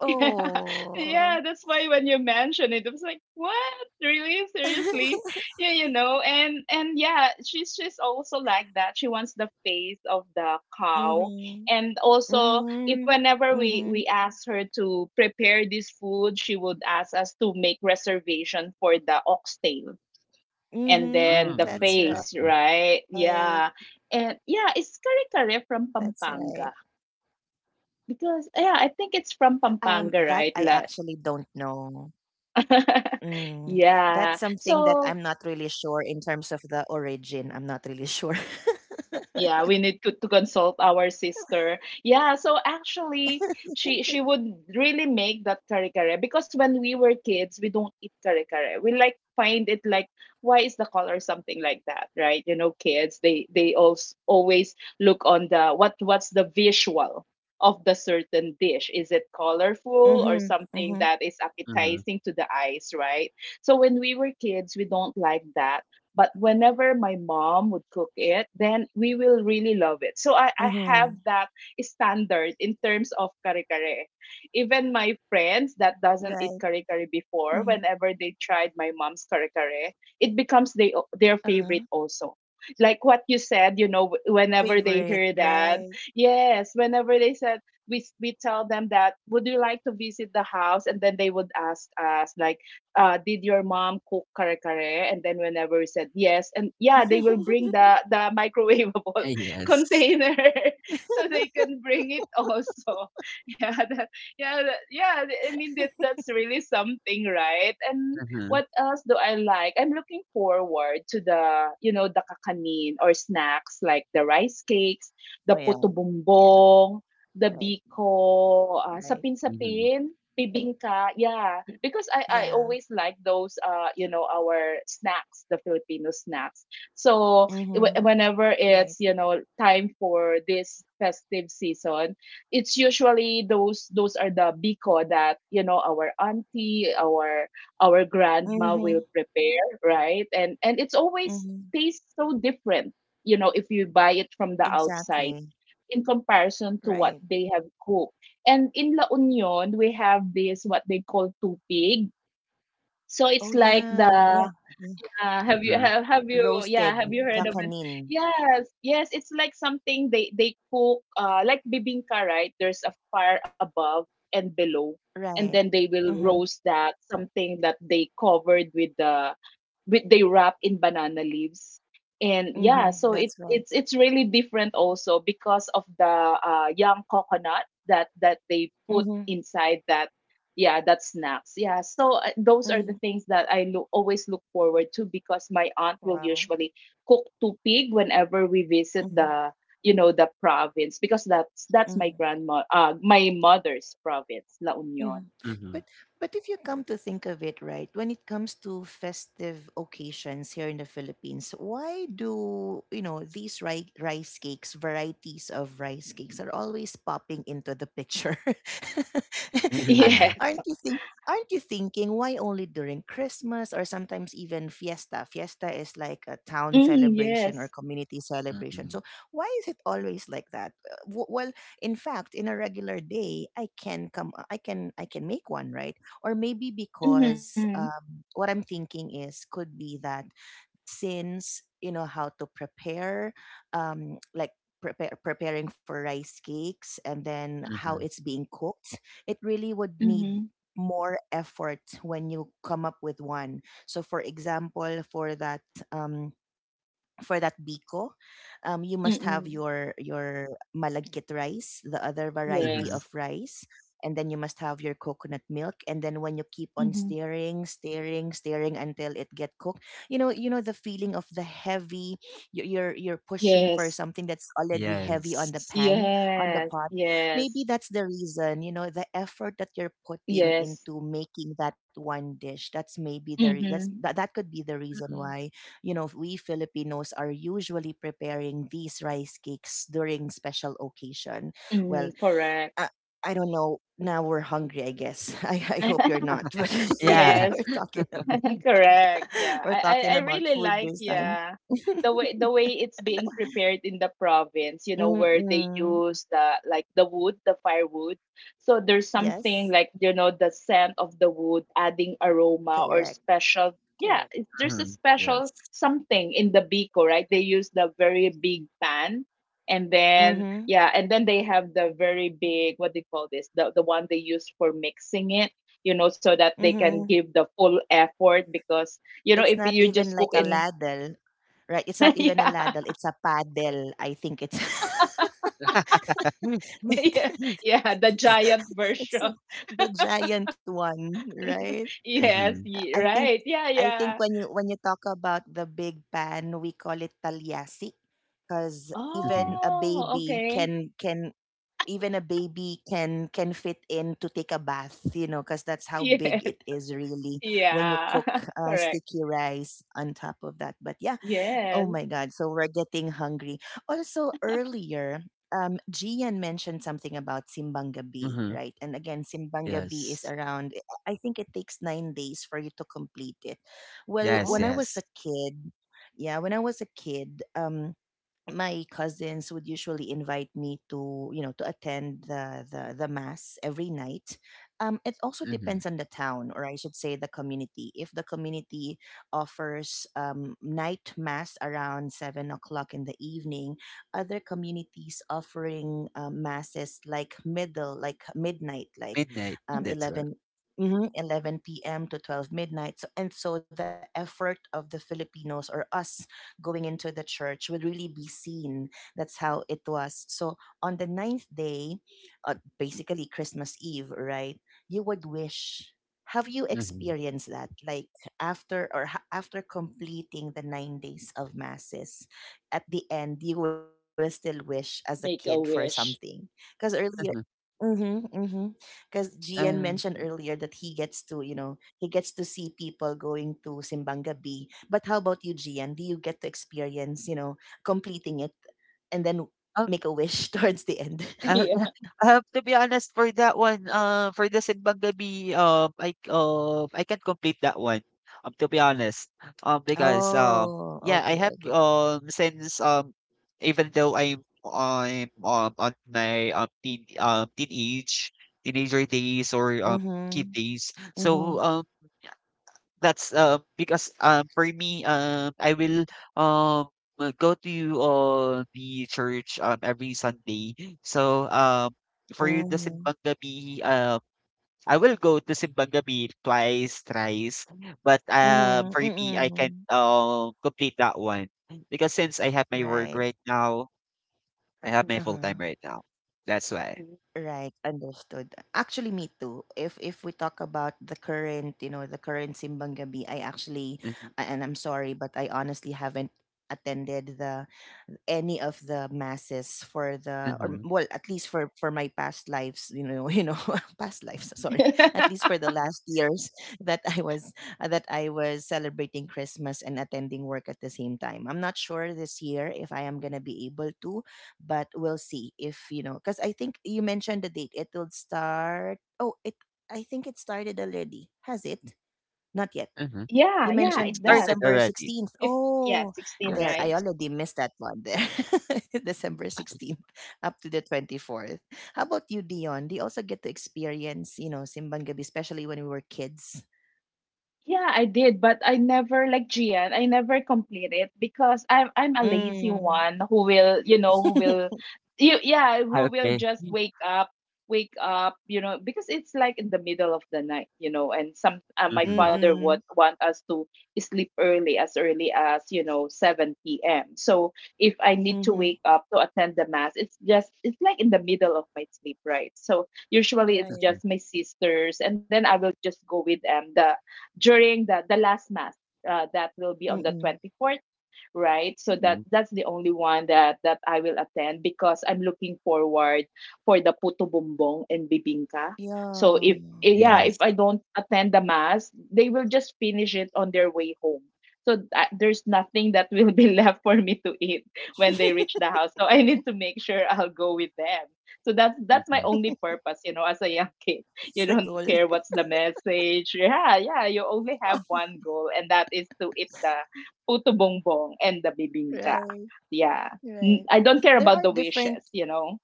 Speaker 2: Yeah,
Speaker 1: oh.
Speaker 2: yeah, that's why when you mentioned it, I was like, "What? Really? Seriously?" Yeah, you know, and yeah, she's also like that. She wants the face of the cow,
Speaker 1: Mhm.
Speaker 2: and also if
Speaker 1: Mhm.
Speaker 2: whenever we
Speaker 1: Mhm.
Speaker 2: ask her to prepare this food, she would ask us to make reservation for the oxtail and
Speaker 1: Mhm.
Speaker 2: then the
Speaker 1: That's
Speaker 3: mm,
Speaker 2: face,
Speaker 3: okay,
Speaker 1: right.
Speaker 2: right? Yeah, and yeah, it's
Speaker 1: That's
Speaker 2: kare kare
Speaker 1: right.
Speaker 2: from Pampanga because yeah, I think it's from
Speaker 1: That I
Speaker 2: Pampanga,
Speaker 1: actually
Speaker 2: right?
Speaker 1: don't know. Mm, that's something
Speaker 2: Yeah.
Speaker 1: that I'm not
Speaker 2: So
Speaker 1: really sure in terms of the origin. I'm not really sure.
Speaker 2: yeah, we need to consult our sister. Yeah, so actually she would really make that kare kare because when we were kids, we don't eat kare kare. We like find it like why is the color something like that, right? You know, kids they also always look on the what's the visual of the certain dish. Is it
Speaker 1: Mm-hmm. Mm-hmm.
Speaker 2: colorful or something that is
Speaker 3: mhm.
Speaker 2: appetizing to the eyes, right? So when we were kids, we don't like that. But whenever my mom would cook it, then we will really love it. So
Speaker 1: Mm-hmm.
Speaker 2: I have that standard in terms of kare kare. Even my friends that
Speaker 1: Right.
Speaker 2: doesn't eat kare kare
Speaker 1: Mm-hmm.
Speaker 2: before, whenever they tried my mom's kare kare, it becomes their
Speaker 1: Uh-huh.
Speaker 2: favorite also, like what you said, you know,
Speaker 1: Favorite.
Speaker 2: whenever they
Speaker 1: Right.
Speaker 2: hear that, yes, whenever they said, we tell them that would you like to visit the house, and then they would ask us like, did your mom cook kare kare? And then whenever we said yes, and yeah, they will bring the
Speaker 3: Ah,
Speaker 2: microwavable
Speaker 3: yes.
Speaker 2: container, so they can bring it also. Yeah, that, yeah, yeah. I mean that's really something, right? And
Speaker 3: Mhm,
Speaker 2: what else do I like? I'm looking forward to the you know the kakanin or snacks like the rice
Speaker 1: Oh
Speaker 2: cakes,
Speaker 1: yeah.
Speaker 2: the puto
Speaker 1: Yeah.
Speaker 2: bumbong,
Speaker 1: Right.
Speaker 2: the
Speaker 1: Right.
Speaker 2: biko,
Speaker 3: mhm,
Speaker 2: sapin-sapin. Bibingka, yeah. Because I,
Speaker 1: Yeah.
Speaker 2: I always like those you know our snacks, the Filipino snacks. So
Speaker 1: Mm-hmm.
Speaker 2: whenever
Speaker 1: Right.
Speaker 2: it's you know time for this festive season, it's usually those are the biko that you know our auntie, our
Speaker 1: Mm-hmm.
Speaker 2: grandma will prepare, right? And it's
Speaker 1: Mm-hmm.
Speaker 2: always tastes so different, you know, if you buy it from the
Speaker 1: Exactly.
Speaker 2: outside in comparison to
Speaker 1: Right.
Speaker 2: what they have cooked. And in La Union, we have this what they call tupig. So
Speaker 1: Oh
Speaker 2: it's like
Speaker 1: yeah.
Speaker 2: the
Speaker 1: Yeah.
Speaker 3: mhm,
Speaker 2: have you
Speaker 1: roasted
Speaker 2: yeah have you
Speaker 1: the
Speaker 2: heard of it? Yes, yes, it's like something they cook like bibingka, right? There's a fire above and below, and
Speaker 1: Right.
Speaker 2: then they will
Speaker 1: Mm-hmm.
Speaker 2: roast that something that they covered with the with they wrap in banana leaves. And
Speaker 3: mhm,
Speaker 2: yeah,
Speaker 1: Mm-hmm.
Speaker 2: so it
Speaker 1: That's right.
Speaker 2: it's it's really different also because of the young coconut that that they put
Speaker 1: Mm-hmm.
Speaker 2: inside that, yeah, that's snacks, yeah. So those are
Speaker 1: Mm-hmm.
Speaker 2: the things that always look forward to because my aunt will
Speaker 1: Wow.
Speaker 2: usually cook tupig whenever we visit
Speaker 1: Mm-hmm.
Speaker 2: the, you know, the province because that's my
Speaker 1: Mm-hmm.
Speaker 2: grandma, my mother's province, La Union.
Speaker 1: Mhm.
Speaker 3: mhm.
Speaker 1: But if you come to think of it, right, when it comes to festive occasions here in the Philippines, why do you know these rice cakes, varieties of rice cakes, are always popping into the picture?
Speaker 3: Yeah,
Speaker 2: Yes.
Speaker 1: Aren't you think? Aren't you thinking why only during Christmas or sometimes even fiesta? Fiesta is like a town
Speaker 2: Mm,
Speaker 1: celebration or
Speaker 2: yes.
Speaker 1: community
Speaker 3: mhm,
Speaker 1: celebration. So why is it always like that? Well, in fact in a regular day I can I can make one, right? Or maybe
Speaker 2: Mm-hmm.
Speaker 1: because, what I'm thinking is could be that since you know how to prepare um like preparing for rice cakes and then how
Speaker 3: mhm,
Speaker 1: it's being cooked, it really would need
Speaker 2: Mm-hmm.
Speaker 1: more effort when you come up with one. So for example um for that biko, you must have
Speaker 2: Mm-hmm.
Speaker 1: your malagkit rice, the other variety
Speaker 3: mhm.
Speaker 2: Yes.
Speaker 1: of rice, and then you must have your coconut milk. And then when you keep on
Speaker 2: Mm-hmm.
Speaker 1: stirring, stirring, stirring until it get cooked, you know the feeling of the heavy. You're pushing for
Speaker 2: Yes,
Speaker 1: something that's already heavy on the
Speaker 3: Yes.
Speaker 1: pan, on the
Speaker 2: yes,
Speaker 1: pot.
Speaker 2: yes,
Speaker 1: Maybe that's the reason. You know, the effort that you're putting
Speaker 2: yes.
Speaker 1: into making that one dish. That's maybe the
Speaker 2: Mm-hmm.
Speaker 1: that could be the reason
Speaker 3: Mhm.
Speaker 1: why, you know, we Filipinos are usually preparing these rice cakes during special occasion. Well,
Speaker 2: Mm-hmm. Correct.
Speaker 1: I, I don't know. Now we're hungry, I guess. I hope you're not. But
Speaker 3: Yeah,
Speaker 2: Yes.
Speaker 1: we're talking about,
Speaker 2: Correct. Yeah.
Speaker 1: we're
Speaker 2: I,
Speaker 1: talking
Speaker 2: I, I
Speaker 1: about
Speaker 2: really
Speaker 1: food
Speaker 2: like,
Speaker 1: this time.
Speaker 2: yeah, the way it's being prepared in the province, you know, where they
Speaker 1: Mm-mm.
Speaker 2: use the like the wood, the firewood. So there's something
Speaker 1: Yes,
Speaker 2: like, you know, the scent of the wood adding aroma or
Speaker 1: correct,
Speaker 2: special, yeah,
Speaker 1: correct.
Speaker 2: there's a
Speaker 3: mhm,
Speaker 2: special
Speaker 3: yes.
Speaker 2: something in the biko, right? They use the very big pan, and then
Speaker 1: Mm-hmm.
Speaker 2: yeah, and then they have the very big what do you call this? The one they use for mixing, you know, so that they can
Speaker 1: Mm-hmm.
Speaker 2: give the full effort because, you know,
Speaker 1: It's
Speaker 2: if
Speaker 1: not
Speaker 2: you
Speaker 1: even
Speaker 2: just cook
Speaker 1: like a
Speaker 2: in
Speaker 1: ladle, right? It's not even a
Speaker 2: yeah,
Speaker 1: ladle. It's a paddle. I think it's.
Speaker 3: Mhm,
Speaker 2: yeah, yeah, the giant version.
Speaker 1: It's the giant one, right?
Speaker 3: mhm,
Speaker 1: I think
Speaker 2: Right. Yeah,
Speaker 1: I think
Speaker 2: yeah.
Speaker 1: when you talk about the big pan, we call it talyasi because
Speaker 3: mhm,
Speaker 2: Oh, okay.
Speaker 1: even a baby can fit in to take a bath, you know, because that's how
Speaker 2: Yes,
Speaker 1: big it is really when you
Speaker 2: yeah,
Speaker 1: cook
Speaker 2: correct.
Speaker 1: sticky rice on top of that. But yeah, oh
Speaker 2: Yes.
Speaker 1: my God. So we're getting hungry. Also, earlier, Gian mentioned something about Simbang Gabi,
Speaker 3: mhm.
Speaker 1: right? And again, Simbang Gabi is
Speaker 3: Yes.
Speaker 1: around, I think it takes 9 days for you to complete it. Well,
Speaker 3: Yes,
Speaker 1: when
Speaker 2: Oh.
Speaker 1: I
Speaker 3: yes.
Speaker 1: was a kid, yeah, when I was a kid, my cousins would usually invite me to, you know, to attend the mass every night. It also
Speaker 3: Mhm.
Speaker 1: depends on the town, or I should say the community, if the community offers night mass around 7 o'clock in the evening. Other communities offering masses like middle like midnight, like
Speaker 3: Midnight,
Speaker 2: Mhm.
Speaker 3: that's good, right.
Speaker 1: 11, mhm, 11 p.m. to 12 midnight. So, and so the effort of the Filipinos or us going into the church would really be seen. That's how it was. So on the ninth day, basically Christmas Eve, right? You would wish. Have you
Speaker 3: Mhm,
Speaker 1: experienced that? Like after or after completing the 9 days of masses, at the end you will still wish as a
Speaker 2: Make a
Speaker 1: kid for
Speaker 2: wish.
Speaker 1: something. Because earlier,
Speaker 3: mhm.
Speaker 1: mm-hmm, mm-hmm. Because Gian
Speaker 3: Uh,
Speaker 1: mentioned earlier that he gets to, you know, he gets to see people going to Simbang Gabi. But how about you, Gian? Do you get to experience, you know, completing it and then
Speaker 3: um
Speaker 1: make a wish towards the end?
Speaker 3: Ah, ah,
Speaker 2: Yeah.
Speaker 3: to be honest for that one, for the Simbang Gabi, I can't complete that one. To be honest, because
Speaker 1: Oh,
Speaker 3: yeah, I
Speaker 1: okay,
Speaker 3: have
Speaker 1: okay.
Speaker 3: since even though I'm on my teenager days or kid
Speaker 1: Mm-hmm,
Speaker 3: days,
Speaker 1: mm-hmm,
Speaker 3: That's because for me I will um go to the church every Sunday. So for the
Speaker 1: mm-hmm,
Speaker 3: simbang gabi I will go to simbang gabi twice, thrice, but
Speaker 1: mm-hmm,
Speaker 3: for me I can
Speaker 1: mm-hmm.
Speaker 3: complete that one because since I have my work
Speaker 1: Right.
Speaker 3: right now, I have my full
Speaker 1: Uh-huh.
Speaker 3: time right now. That's why.
Speaker 2: Mhm.
Speaker 1: Right, understood. Actually, me too. If we talk about the current, you know, the current Simbang Gabi, I actually,
Speaker 3: Mm-hmm,
Speaker 1: and I'm sorry, but I honestly haven't attended the any of the masses for the, or
Speaker 3: mm-hmm,
Speaker 1: well, at least for my past lives, you know, you know, past lives, sorry, at least for the last years that I was celebrating Christmas and attending work at the same time. I'm not sure this year if I am going to be able to, but we'll see. If, you know, because I think you mentioned the date it will start. Oh, it I think it started already. Has it? Not yet.
Speaker 3: mm-hmm.
Speaker 1: You
Speaker 2: Yeah, yeah,
Speaker 3: It
Speaker 2: it
Speaker 1: mentioned
Speaker 3: started
Speaker 2: does.
Speaker 1: December
Speaker 3: already.
Speaker 1: 16th.
Speaker 2: Fif- yeah,
Speaker 1: Oh,
Speaker 2: 16,
Speaker 1: there,
Speaker 3: Yes,
Speaker 2: right?
Speaker 1: I
Speaker 3: yes.
Speaker 1: already missed that one there. December 16th up to the 24th. How about you, Dion? Do you also get to experience, you know, Simbang Gabi, especially when we were kids?
Speaker 2: Yeah, I did, but I never like Gian. I never complete it because I'm a lazy
Speaker 1: Mm.
Speaker 2: one who will, you know, who will, you yeah, who will
Speaker 3: Okay.
Speaker 2: just wake up, you know, because it's like in the middle of the night, you know, and some my father
Speaker 1: Mm-mm.
Speaker 2: would want us to sleep early as you know seven p.m. So if I need to
Speaker 1: Mm-hmm.
Speaker 2: wake up to attend the mass, it's just it's like in the middle of my sleep, right? So usually it's
Speaker 1: Right.
Speaker 3: Mm-hmm.
Speaker 2: just my sisters, and then I will just go with them. The During the last Mass. That will be on the
Speaker 1: Mm-mm.
Speaker 2: 24th, right? So that's the only one that I will attend because I'm looking forward for the puto bumbong and bibingka. So
Speaker 1: Yeah.
Speaker 2: if
Speaker 1: Yeah.
Speaker 2: yeah, if
Speaker 3: Yes.
Speaker 2: I don't attend the mass, they will just finish it on their way home. So that, there's nothing that will be left for me to eat when they reach the house. So I need to make sure I'll go with them. So that's my
Speaker 3: Mhm,
Speaker 2: only purpose, as a young kid.
Speaker 1: It's
Speaker 2: You
Speaker 1: the
Speaker 2: don't
Speaker 1: goal.
Speaker 2: care what's the message. Yeah, yeah, you only have one goal and that is to eat the puto bongbong and the bibingka.
Speaker 1: Right.
Speaker 2: Yeah.
Speaker 1: Right.
Speaker 2: I don't care
Speaker 1: There are
Speaker 2: about the
Speaker 1: different
Speaker 2: wishes,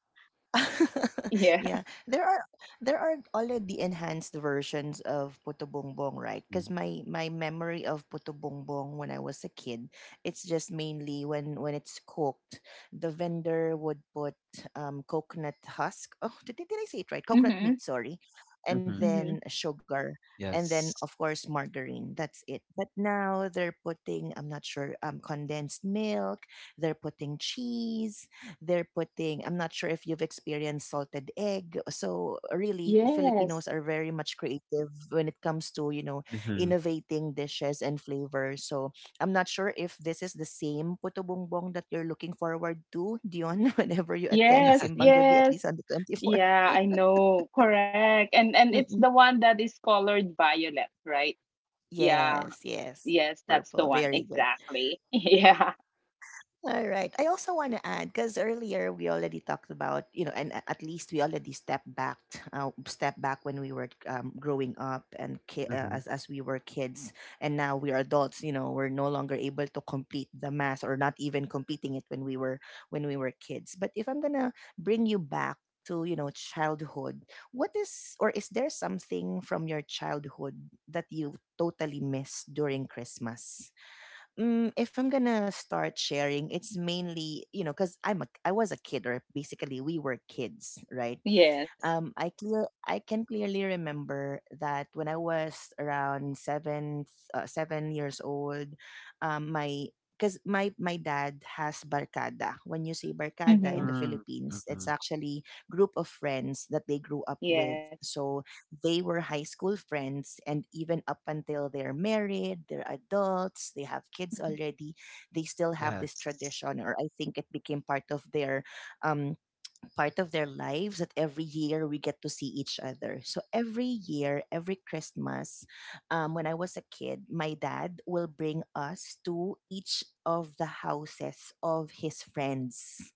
Speaker 2: Yeah.
Speaker 1: yeah, there are already enhanced versions of Puto Bongbong, right? Cuz
Speaker 3: mhm,
Speaker 1: my memory of Puto Bongbong when I was a kid, it's just mainly when it's cooked, the vendor would put coconut husk. Oh, I- did I say it right? Coconut
Speaker 2: Mhm.
Speaker 1: meat, sorry. And
Speaker 3: mhm.
Speaker 2: Mhm.
Speaker 1: then sugar and then
Speaker 3: Yes.
Speaker 1: of course margarine. That's it. But now they're putting, I'm not sure, condensed milk, they're putting cheese, they're putting, I'm not sure if you've experienced salted egg. So really Filipinos
Speaker 2: Yes.
Speaker 1: are very much creative when it comes to, you know,
Speaker 3: Mhm.
Speaker 1: innovating dishes and flavors. So I'm not sure if this is the same puto bumbong that you're looking forward to, Dion, whenever you attend
Speaker 2: Yes,
Speaker 3: Mhm.
Speaker 1: Simbang Gabi, at
Speaker 2: yes.
Speaker 1: least on the 24th.
Speaker 2: Yeah, I know. Correct. And it's
Speaker 1: Mm-mm.
Speaker 2: the one that is colored violet, right? Yeah.
Speaker 1: Yes, yes.
Speaker 2: Yes, that's
Speaker 1: Purple,
Speaker 2: the one.
Speaker 1: very good.
Speaker 2: Exactly. Yeah.
Speaker 1: All right. I also want to add because earlier we already talked about, you know, and at least we already stepped back, step back when we were, growing up and as we were kids, and now we are adults. You know, we're no longer able to complete the mass, or not even completing it when we were kids. But if I'm gonna bring you back to, you know, childhood, what is, or is there something from your childhood that you totally miss during Christmas? Mm, if I'm gonna start sharing, it's mainly, you know, because I was a kid, or basically we were kids, right?
Speaker 2: Yes.
Speaker 1: I can clearly remember that when I was around 7 years old, my, because my dad has barkada. When you say barkada in
Speaker 2: Mhm.
Speaker 1: the
Speaker 3: Mm.
Speaker 1: Philippines, it's
Speaker 3: Mhm.
Speaker 1: actually group of friends that they grew up with.
Speaker 2: Yes.
Speaker 1: So they were high school friends, and even up until they're married, they're adults, they have kids
Speaker 2: Mhm.
Speaker 1: already. They still have this
Speaker 3: Yes.
Speaker 1: tradition, or I think it became um part of their lives, that every year we get to see each other. So every year, every Christmas, when I was a kid, my dad will bring us to each of the houses of his friends.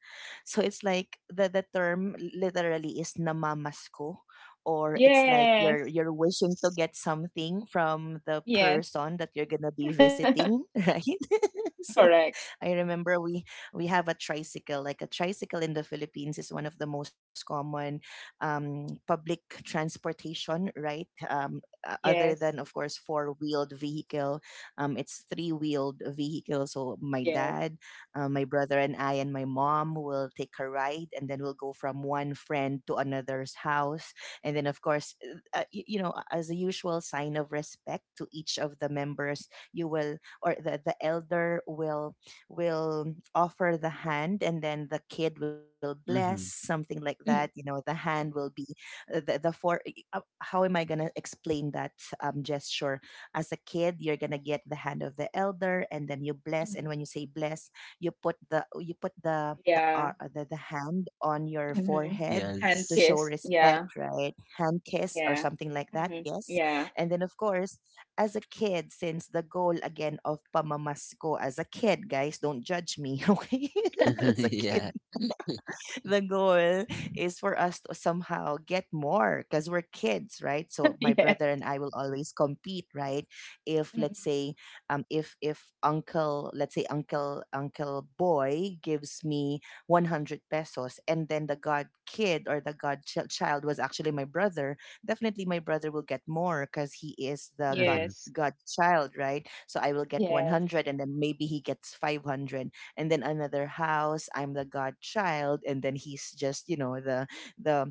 Speaker 1: So it's like the term literally is namamasko, or it's like you're
Speaker 2: Yes.
Speaker 1: wishing to get something from the
Speaker 2: Yes.
Speaker 1: person that you're gonna be visiting, right? So
Speaker 2: Correct.
Speaker 1: I remember we have a tricycle. Like a tricycle in the Philippines is one of the most common public transportation, right? Other than
Speaker 2: Yes.
Speaker 1: of course four-wheeled vehicle, it's three-wheeled vehicle. So my
Speaker 2: Yes.
Speaker 1: dad, my brother, and I, and my mom will take a ride, and then we'll go from one friend to another's house, and then of course, you know, as a usual sign of respect to each of the members, you will, or the elder will offer the hand and then the kid will bless
Speaker 3: Mhm.
Speaker 1: something like that. You know,
Speaker 2: Mhm.
Speaker 1: the hand will be the four how am I going to explain that, gesture. As a kid, you're going to get the hand of the elder and then you bless,
Speaker 2: Mhm.
Speaker 1: and when you say bless, you put the,
Speaker 2: Yeah.
Speaker 1: the hand on your
Speaker 2: Mm-hmm.
Speaker 1: forehead
Speaker 2: Hand
Speaker 1: to
Speaker 3: Yes.
Speaker 1: show
Speaker 2: kiss.
Speaker 1: respect,
Speaker 2: Yeah.
Speaker 1: right? Hand kiss or
Speaker 2: Yeah.
Speaker 1: something like that,
Speaker 2: Mm-hmm.
Speaker 1: yes.
Speaker 2: Yeah.
Speaker 1: And then of course, as a kid, since the goal again of pamamasko as a kid, guys, don't judge me, okay, as a kid,
Speaker 3: Yeah.
Speaker 1: the goal is for us to somehow get more because we're kids, right? So my
Speaker 2: Yes.
Speaker 1: brother and I will always compete, right? If let's
Speaker 2: Mm-mm.
Speaker 1: say, if uncle, let's say uncle boy gives me 100 pesos, and then the god kid or the god child was actually my brother, definitely my brother will get more because he is the
Speaker 3: Mhm,
Speaker 2: Yes.
Speaker 1: godchild, right? So I will get
Speaker 2: Yes.
Speaker 1: 100, and then maybe he gets 500. And then another house, I'm the godchild, and then he's just, the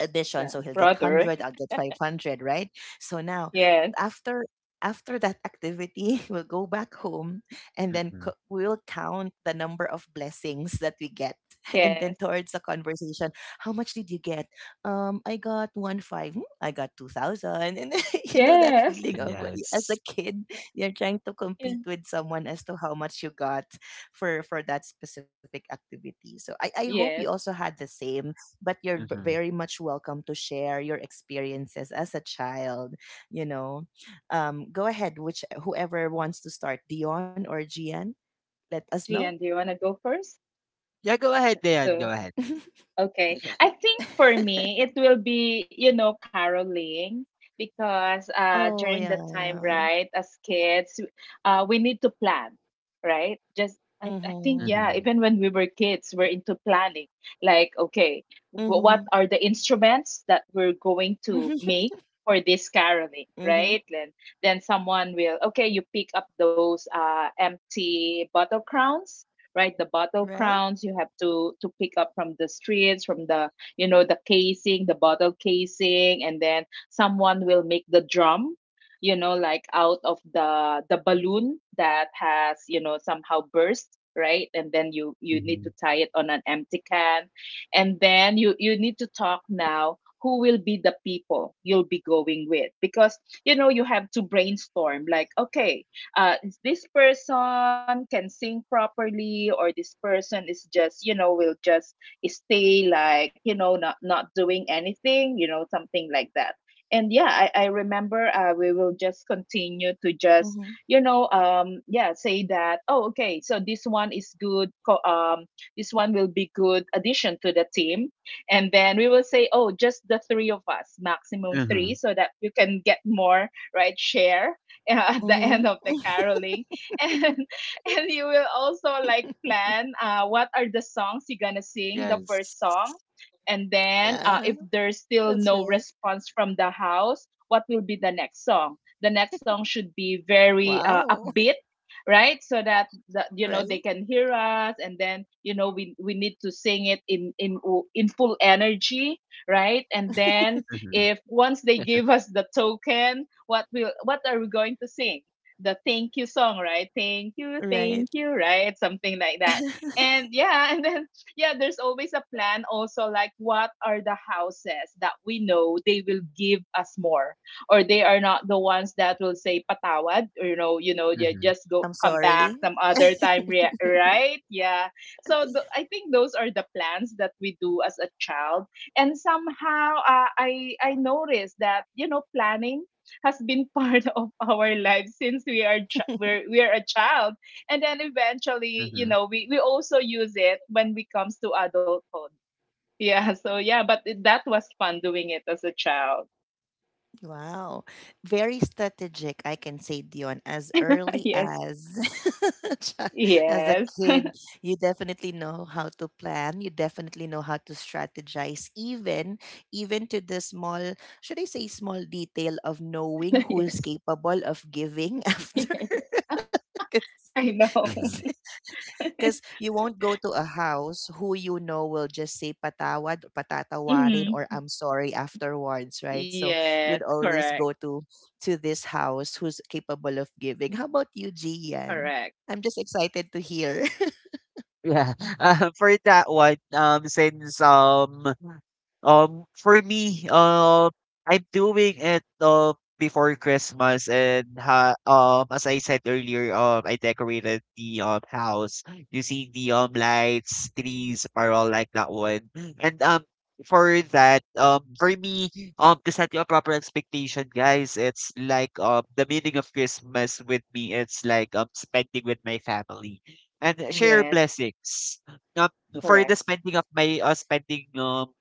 Speaker 1: addition,
Speaker 2: The
Speaker 1: so he'll get
Speaker 2: brother.
Speaker 1: 100, I'll get 500, right? So now,
Speaker 2: Yes.
Speaker 1: after after that activity we'll go back home, and then
Speaker 3: mhm.
Speaker 1: we'll count the number of blessings that we get. And then
Speaker 2: Yes.
Speaker 1: towards the conversation, how much did you get? I got one five. "Hmm, I got 2000. And you know that
Speaker 2: Yes.
Speaker 1: feeling of, as a
Speaker 3: Yes.
Speaker 1: kid,
Speaker 2: Yeah.
Speaker 1: you're trying to
Speaker 2: Yes.
Speaker 1: compete with someone as to how much you got for that specific activity. So I hope
Speaker 2: Yes.
Speaker 1: you also had the same. But you're
Speaker 3: Mhm.
Speaker 1: very much welcome to share your experiences as a child. you know Go ahead, which whoever wants to start, Dion or Gian, let us know.
Speaker 2: Gian, do you want to go first?
Speaker 3: Yeah, go ahead, Dion. Go
Speaker 2: So,
Speaker 3: ahead.
Speaker 2: okay. I think for me, it will be, you know, caroling because during
Speaker 1: Oh,
Speaker 2: that
Speaker 1: yeah.
Speaker 2: time, right, as kids, we need to plan, right? Just I think, yeah,
Speaker 1: Mm-hmm.
Speaker 3: Mhm,
Speaker 2: even when we were kids, we're into planning. Like, okay, what
Speaker 1: Mm-hmm.
Speaker 2: are the instruments that we're going to make for this caroling,
Speaker 1: Mm-hmm.
Speaker 2: right? Then someone will, okay, you pick up those empty bottle crowns, right? The bottle
Speaker 1: Right.
Speaker 2: crowns you have to pick up from the streets, from the you know, the casing, the bottle casing, and then someone will make the drum, you know, like out of the balloon that has, you know, somehow burst, right? And then you need to
Speaker 3: mhm,
Speaker 2: tie it on an empty can, and then you need to talk now who will be the people you'll be going with, because you know you have to brainstorm, like, okay, uh, this person can sing properly, or this person is just, you know, will just stay, like, you know, not doing anything, you know, something like that. And yeah, I remember, we will
Speaker 1: Mm-hmm.
Speaker 2: just continue to just, you know, yeah, say that, oh, okay, so this one is good, this one will be good addition to the team. And then we will say, oh, just the three of us, maximum three,
Speaker 3: mhm.
Speaker 2: so that you can get more, right? Share
Speaker 1: Mm-hmm.
Speaker 2: at the end of the caroling. And and you will also like plan, what are the songs you're gonna sing, the
Speaker 3: Yes.
Speaker 2: first song, and then,
Speaker 1: Ah,
Speaker 2: if there's
Speaker 1: that's
Speaker 2: still no
Speaker 1: right.
Speaker 2: response from the house, what will be the next song? The next song should be very,
Speaker 1: Wow.
Speaker 2: upbeat, right? So that the, you know,
Speaker 1: Right,
Speaker 2: they can hear us, and then, you know, we need to sing it in, in full energy, right? And then
Speaker 3: Mhm.
Speaker 2: if once they give us the token, what will, what are we going to sing? The thank you song, right? Thank
Speaker 1: right.
Speaker 2: you, right? Something like that. And yeah, and then, yeah, there's always a plan also, like, what are the houses that we know they will give us more, or they are not the ones that will say patawad, or, you know, yeah,
Speaker 3: Mhm,
Speaker 2: just go,
Speaker 1: I'm
Speaker 2: come back
Speaker 1: sorry.
Speaker 2: some other time, right? Yeah. So I think those are the plans that we do as a child. And somehow, I noticed that, you know, planning has been part of our lives since we are we're a child. And then eventually, you
Speaker 3: mhm,
Speaker 2: know, we also use it when it comes to adulthood. Yeah, so yeah, but that was fun doing it as a child.
Speaker 1: Wow. Very strategic, I can say, Dion. As early
Speaker 2: Yes.
Speaker 1: as chi- as a
Speaker 2: Yes.
Speaker 1: kid, you definitely know how to plan. You definitely know how to strategize, even to the small, should I say, small detail of knowing who is
Speaker 2: Yes.
Speaker 1: capable of giving after.
Speaker 2: Yes. I
Speaker 1: Because
Speaker 2: know.
Speaker 3: mhm.
Speaker 1: because you won't go to a house who you know will just say patawad, patatawarin, or
Speaker 2: Hmm.
Speaker 1: I'm sorry afterwards, right? So
Speaker 2: Yes,
Speaker 1: you would always
Speaker 2: correct.
Speaker 1: go to this house who's capable of giving. How about you, Gian?
Speaker 2: Correct.
Speaker 1: I'm just excited to hear.
Speaker 3: Yeah. For that one, since for me, I'm doing it before Christmas, and ha as I said earlier, I decorated the house using the lights, trees, or all like that one. And for that, for me, to set you a proper expectation, guys, it's like the meaning of Christmas with me. It's like spending with my family and share
Speaker 2: Yes.
Speaker 1: Mm.
Speaker 3: blessings. Um, for the
Speaker 2: Correct.
Speaker 3: spending of my spending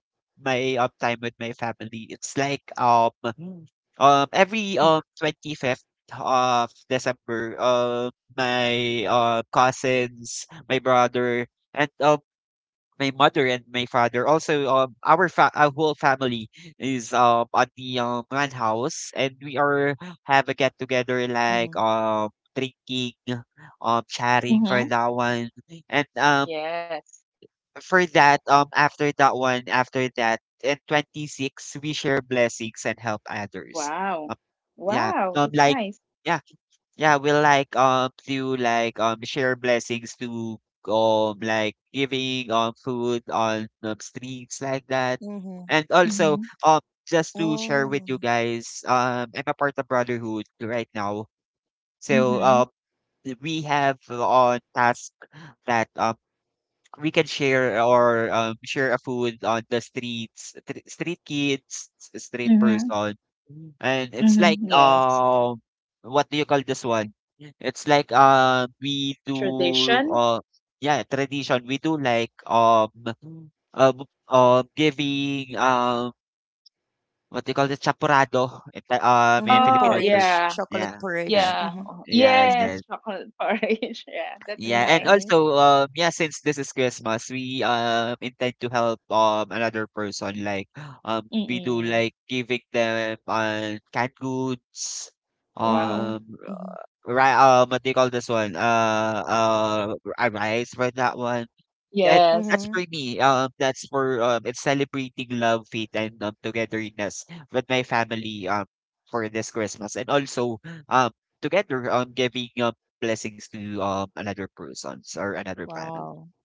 Speaker 3: my, time with my family. It's like, every, 25th of December, my, cousins, my brother, and, my mother and my father. Also, our our whole family is at the one house, and we are have a get together like drinking, chatting for
Speaker 2: Mm-hmm.
Speaker 3: that one, and
Speaker 2: Yes.
Speaker 3: for that, after that one, after that, in 26, we share blessings and help others.
Speaker 2: Wow.
Speaker 3: Um, yeah,
Speaker 2: Wow, that's nice.
Speaker 3: yeah, yeah, we like, to like, share blessings to, like giving, food on streets like
Speaker 1: Mm-hmm.
Speaker 3: that. And also,
Speaker 2: Mm-hmm.
Speaker 3: um, just to
Speaker 1: Oh.
Speaker 3: share with you guys, I'm a part of Brotherhood right now. So,
Speaker 2: Mm-hmm.
Speaker 3: we have on task that we can share or share a food on the streets, street kids, street
Speaker 2: Mm-hmm.
Speaker 3: person, Mm. And it's
Speaker 2: Mhm,
Speaker 3: like
Speaker 2: yes.
Speaker 3: what do you call this one? It's like we do
Speaker 2: Tradition?
Speaker 3: yeah, tradition. We do like Mm. um, giving what do you call this? Chapurado, in, in
Speaker 1: Mm-hmm.
Speaker 2: Oh,
Speaker 3: Filipino term.
Speaker 1: Porridge,
Speaker 2: yeah.
Speaker 3: Yeah,
Speaker 1: chocolate
Speaker 3: yeah,
Speaker 1: porridge.
Speaker 2: Yeah.
Speaker 1: Mm-hmm.
Speaker 2: Oh,
Speaker 3: yes,
Speaker 2: yes,
Speaker 3: yes.
Speaker 1: Mm-hmm.
Speaker 2: chocolate porridge. Yeah, that's
Speaker 3: Yeah, and
Speaker 1: Right,
Speaker 2: nice.
Speaker 1: right.
Speaker 3: also, yeah, since this is Christmas, we intend to help another person. Like, we do
Speaker 2: Mm-mm.
Speaker 3: like giving them canned goods,
Speaker 2: Wow.
Speaker 3: um,
Speaker 1: Mm-hmm. Mm-hmm.
Speaker 3: right? What do you call this one? A rice for that one. That
Speaker 2: Yes.
Speaker 3: that's
Speaker 1: Mm-hmm.
Speaker 3: for me. That's for it's celebrating love, faith, and togetherness with my family. For this Christmas, and also um, together giving blessings to another persons or another family.
Speaker 1: Wow.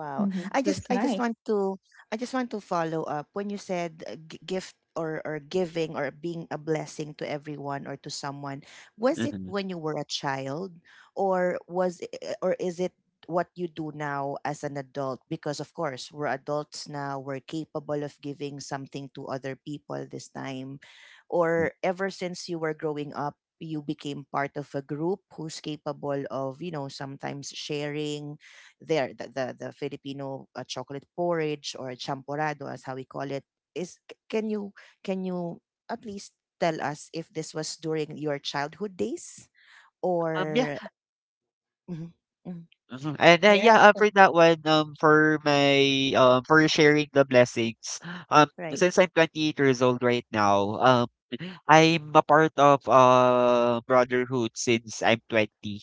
Speaker 1: Wow.
Speaker 2: Mm-hmm. That's
Speaker 1: I just
Speaker 2: nice.
Speaker 1: want to I just want to follow up when you said, gift or giving or being a blessing to everyone or to someone. Was it
Speaker 3: Mhm.
Speaker 1: when you were a child, or is it what you do now as an adult? Because of course we're adults now, we're capable of giving something to other people this time. Or ever since you were growing up, you became part of a group who's capable of, sometimes sharing the Filipino, chocolate porridge or champorado, as how we call it. Is can you at least tell us if this was during your childhood days,
Speaker 3: Yeah,
Speaker 1: or... Mhm, mhm.
Speaker 3: mhm. And
Speaker 2: Yes,
Speaker 3: yeah,
Speaker 2: that-
Speaker 3: for that one, for my for sharing the blessings. Um,
Speaker 1: Right.
Speaker 3: since I'm 28 years old right now, I'm a part of brotherhood since I'm 20.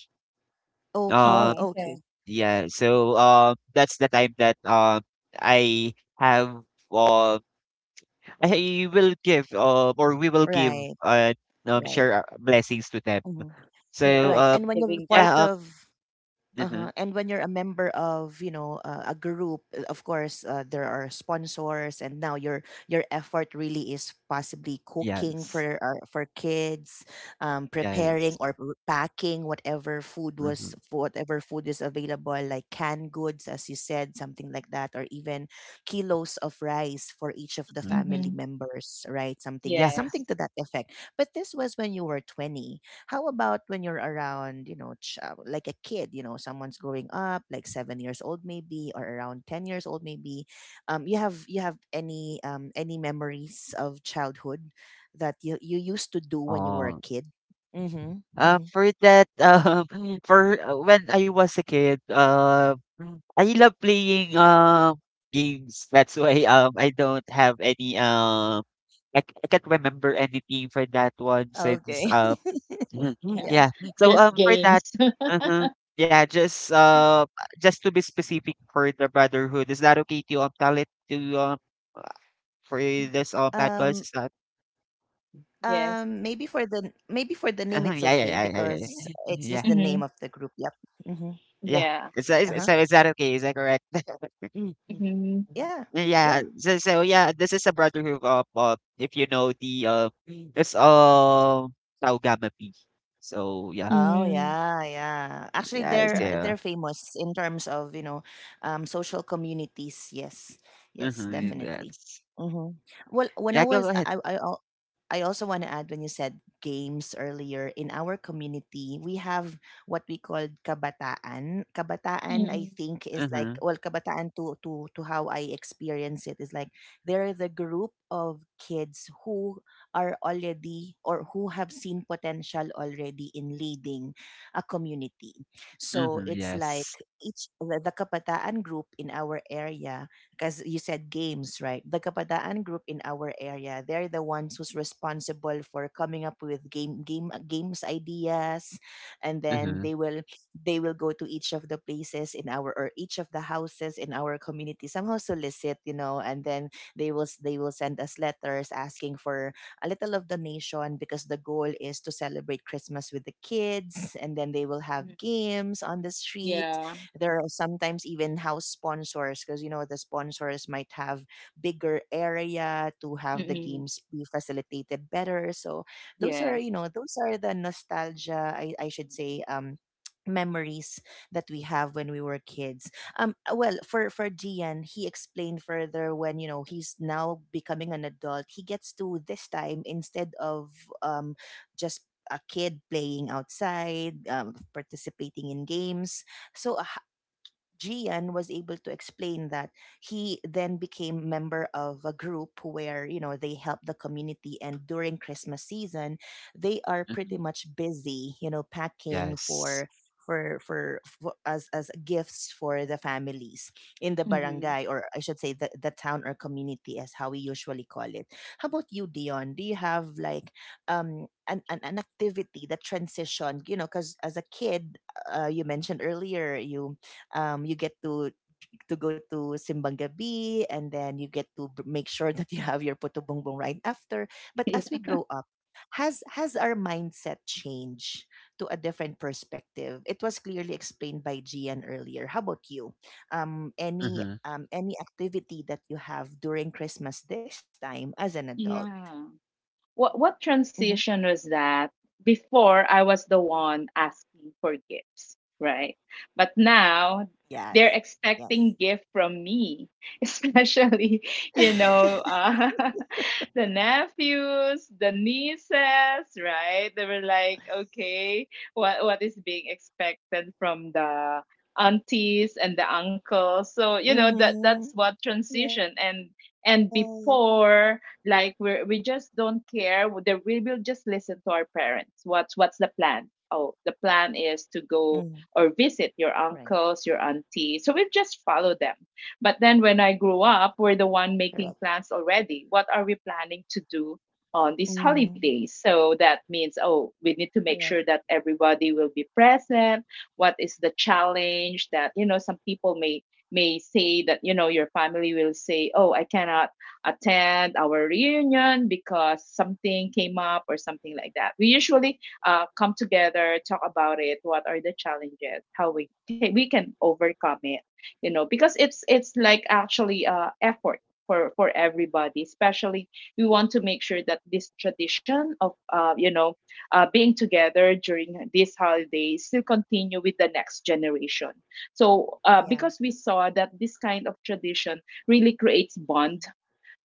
Speaker 3: Um,
Speaker 1: Okay,
Speaker 2: Oh,
Speaker 1: okay.
Speaker 2: okay.
Speaker 3: Yeah, so that's the time that I have um I will give or we will give
Speaker 1: Right,
Speaker 3: uh share
Speaker 1: right.
Speaker 3: our blessings to them.
Speaker 1: Mhm.
Speaker 3: So
Speaker 2: Yeah.
Speaker 1: Right. And when you're
Speaker 2: Giving back.
Speaker 1: part
Speaker 3: yeah
Speaker 1: of...
Speaker 3: mhm,
Speaker 1: Uh-huh. And when you're a member of, you know, a group, of course, there are sponsors, and now your effort really is possibly cooking
Speaker 3: yes
Speaker 1: for, for kids,
Speaker 3: yes
Speaker 1: preparing or packing whatever food
Speaker 3: mhm,
Speaker 1: was, whatever food is available, like canned goods, as you said, something like that, or even kilos of rice for each of the
Speaker 3: mhm,
Speaker 1: family
Speaker 2: Mm-hmm.
Speaker 1: members, right? Something
Speaker 3: yeah
Speaker 2: Yes.
Speaker 1: something to that effect. But this was when you were 20. How about when you're around, you know, like a kid, you know, someone's growing up, like 7 years old maybe, or around 10 years old maybe? You have any memories of childhood that you used to do when you were
Speaker 3: uh,
Speaker 1: a kid? Mm-hmm. Mm-hmm.
Speaker 3: for that for when I was a kid I love playing games. That's why I don't have any I can't remember anything for that one
Speaker 1: Okay.
Speaker 3: since
Speaker 2: Yeah.
Speaker 1: Yeah.
Speaker 3: yeah. So
Speaker 2: Just
Speaker 3: for
Speaker 2: games.
Speaker 3: that uh-huh. Yeah, just to be specific for the brotherhood, is that okay to tell it to uh, for
Speaker 2: Mhm.
Speaker 3: this
Speaker 1: Um.
Speaker 3: podcast? Is that
Speaker 2: Yes.
Speaker 1: Maybe for the name,
Speaker 3: uh-huh.
Speaker 1: it's
Speaker 3: Yeah, yeah,
Speaker 1: okay
Speaker 3: yeah, yeah,
Speaker 1: because
Speaker 3: yeah.
Speaker 1: it's
Speaker 3: Yeah.
Speaker 1: just the
Speaker 2: Mm-hmm.
Speaker 1: name of the group. Yep. Mm-hmm.
Speaker 3: Yeah.
Speaker 2: Yeah.
Speaker 3: Is that, is,
Speaker 1: Uh huh.
Speaker 3: so is that okay? Is that correct?
Speaker 2: Mm-hmm.
Speaker 1: Yeah. Yeah.
Speaker 3: Yeah. So so yeah, this is a brotherhood of if you know the it's Taugamapi. So yeah.
Speaker 1: Oh,
Speaker 2: Mm-hmm.
Speaker 1: yeah, yeah. Actually,
Speaker 3: Yeah, it's
Speaker 1: they're they're famous in terms of, you know, social communities. Yes, yes,
Speaker 3: mhm,
Speaker 1: definitely.
Speaker 3: yes.
Speaker 1: Mm-hmm. Well, when I
Speaker 3: Yeah, go
Speaker 1: was,
Speaker 3: ahead.
Speaker 1: I al- I also want to add, when you said games earlier, in our community, we have what we call kabataan. Kabataan, I
Speaker 2: Mm-hmm.
Speaker 1: think, is like,
Speaker 3: Mhm,
Speaker 1: well, kabataan to how I experience it is like, they're the group of kids who are already, or who have seen potential already in leading a community. So
Speaker 3: mhm,
Speaker 1: it's
Speaker 3: yes.
Speaker 1: like each the Kabataan group in our area, because you said games, right? The Kabataan group in our area, they're the ones who's responsible for coming up with games ideas, and then
Speaker 3: Mhm,
Speaker 1: they will go to each of the places in our, or each of the houses in our community, somehow solicit, you know, and then they will send us letters asking for a little of the nation because the goal is to celebrate Christmas with the kids, and then they will have
Speaker 2: Mm-hmm.
Speaker 1: games on the street.
Speaker 2: Yeah.
Speaker 1: There are sometimes even house sponsors because you know the sponsors might have bigger area to have the
Speaker 2: Mm-hmm.
Speaker 1: games be facilitated better. So
Speaker 2: Yes.
Speaker 1: those are the nostalgia, I should say, memories that we have when we were kids. Well, for Gian, he explained further, when you know he's now becoming an adult. He gets to this time instead of um just a kid playing outside, participating in games. So a Gian was able to explain that he then became member of a group where you know they help the community, and during Christmas season they are pretty
Speaker 3: mhm,
Speaker 1: much busy, you know, packing
Speaker 3: yes.
Speaker 1: for as gifts for the families in the
Speaker 2: Mm-hmm.
Speaker 1: barangay, or I should say the town or community, as how we usually call it. How about you, Dion? Do you have like an activity that transitioned, you know, because as a kid, you mentioned earlier you, you get to go to Simbang Gabi, and then you get to make sure that you have your Puto Bongbong right after. But as we
Speaker 2: Yeah.
Speaker 1: grow up, has our mindset changed to a different perspective? It was clearly explained by Gian earlier. How about you?
Speaker 3: Mhm,
Speaker 1: Any activity that you have during Christmas this time as an adult?
Speaker 2: Yeah. What
Speaker 1: Hmm.
Speaker 2: transition was that? Before I was the one asking for gifts, right? But
Speaker 1: Yes,
Speaker 2: now
Speaker 1: yes.
Speaker 2: they're expecting gift from me, especially, you know, the nephews, the nieces, right? They were like, okay, what is being expected from the aunties and the uncles? So you know
Speaker 1: Mm-hmm.
Speaker 2: that that's what
Speaker 1: Yes.
Speaker 2: transition. And before, like, we just don't care, the, we will just listen to our parents, what's the plan, oh, the
Speaker 1: Mm,
Speaker 2: plan is to go
Speaker 1: right,
Speaker 2: or visit your uncles, your auntie, so we just follow them. But
Speaker 1: right,
Speaker 2: then when I grew up,
Speaker 1: correct.
Speaker 2: we're the one making plans already, what are we planning to do on
Speaker 1: Mm,
Speaker 2: these holidays, so that means, oh, we
Speaker 1: correct.
Speaker 2: need to make sure that everybody will be present. What is the challenge that, you know, some people may say that, you know, your family will say, oh, I cannot attend our reunion because something came up or something like that. We usually, come together, talk about it, what are the challenges, how we can overcome it, you know, because it's like actually, effort for everybody, especially we want to make sure that this tradition of, you know, being together during this holiday still continue with the next generation. So,
Speaker 1: Yeah.
Speaker 2: because we saw that this kind of tradition really creates bond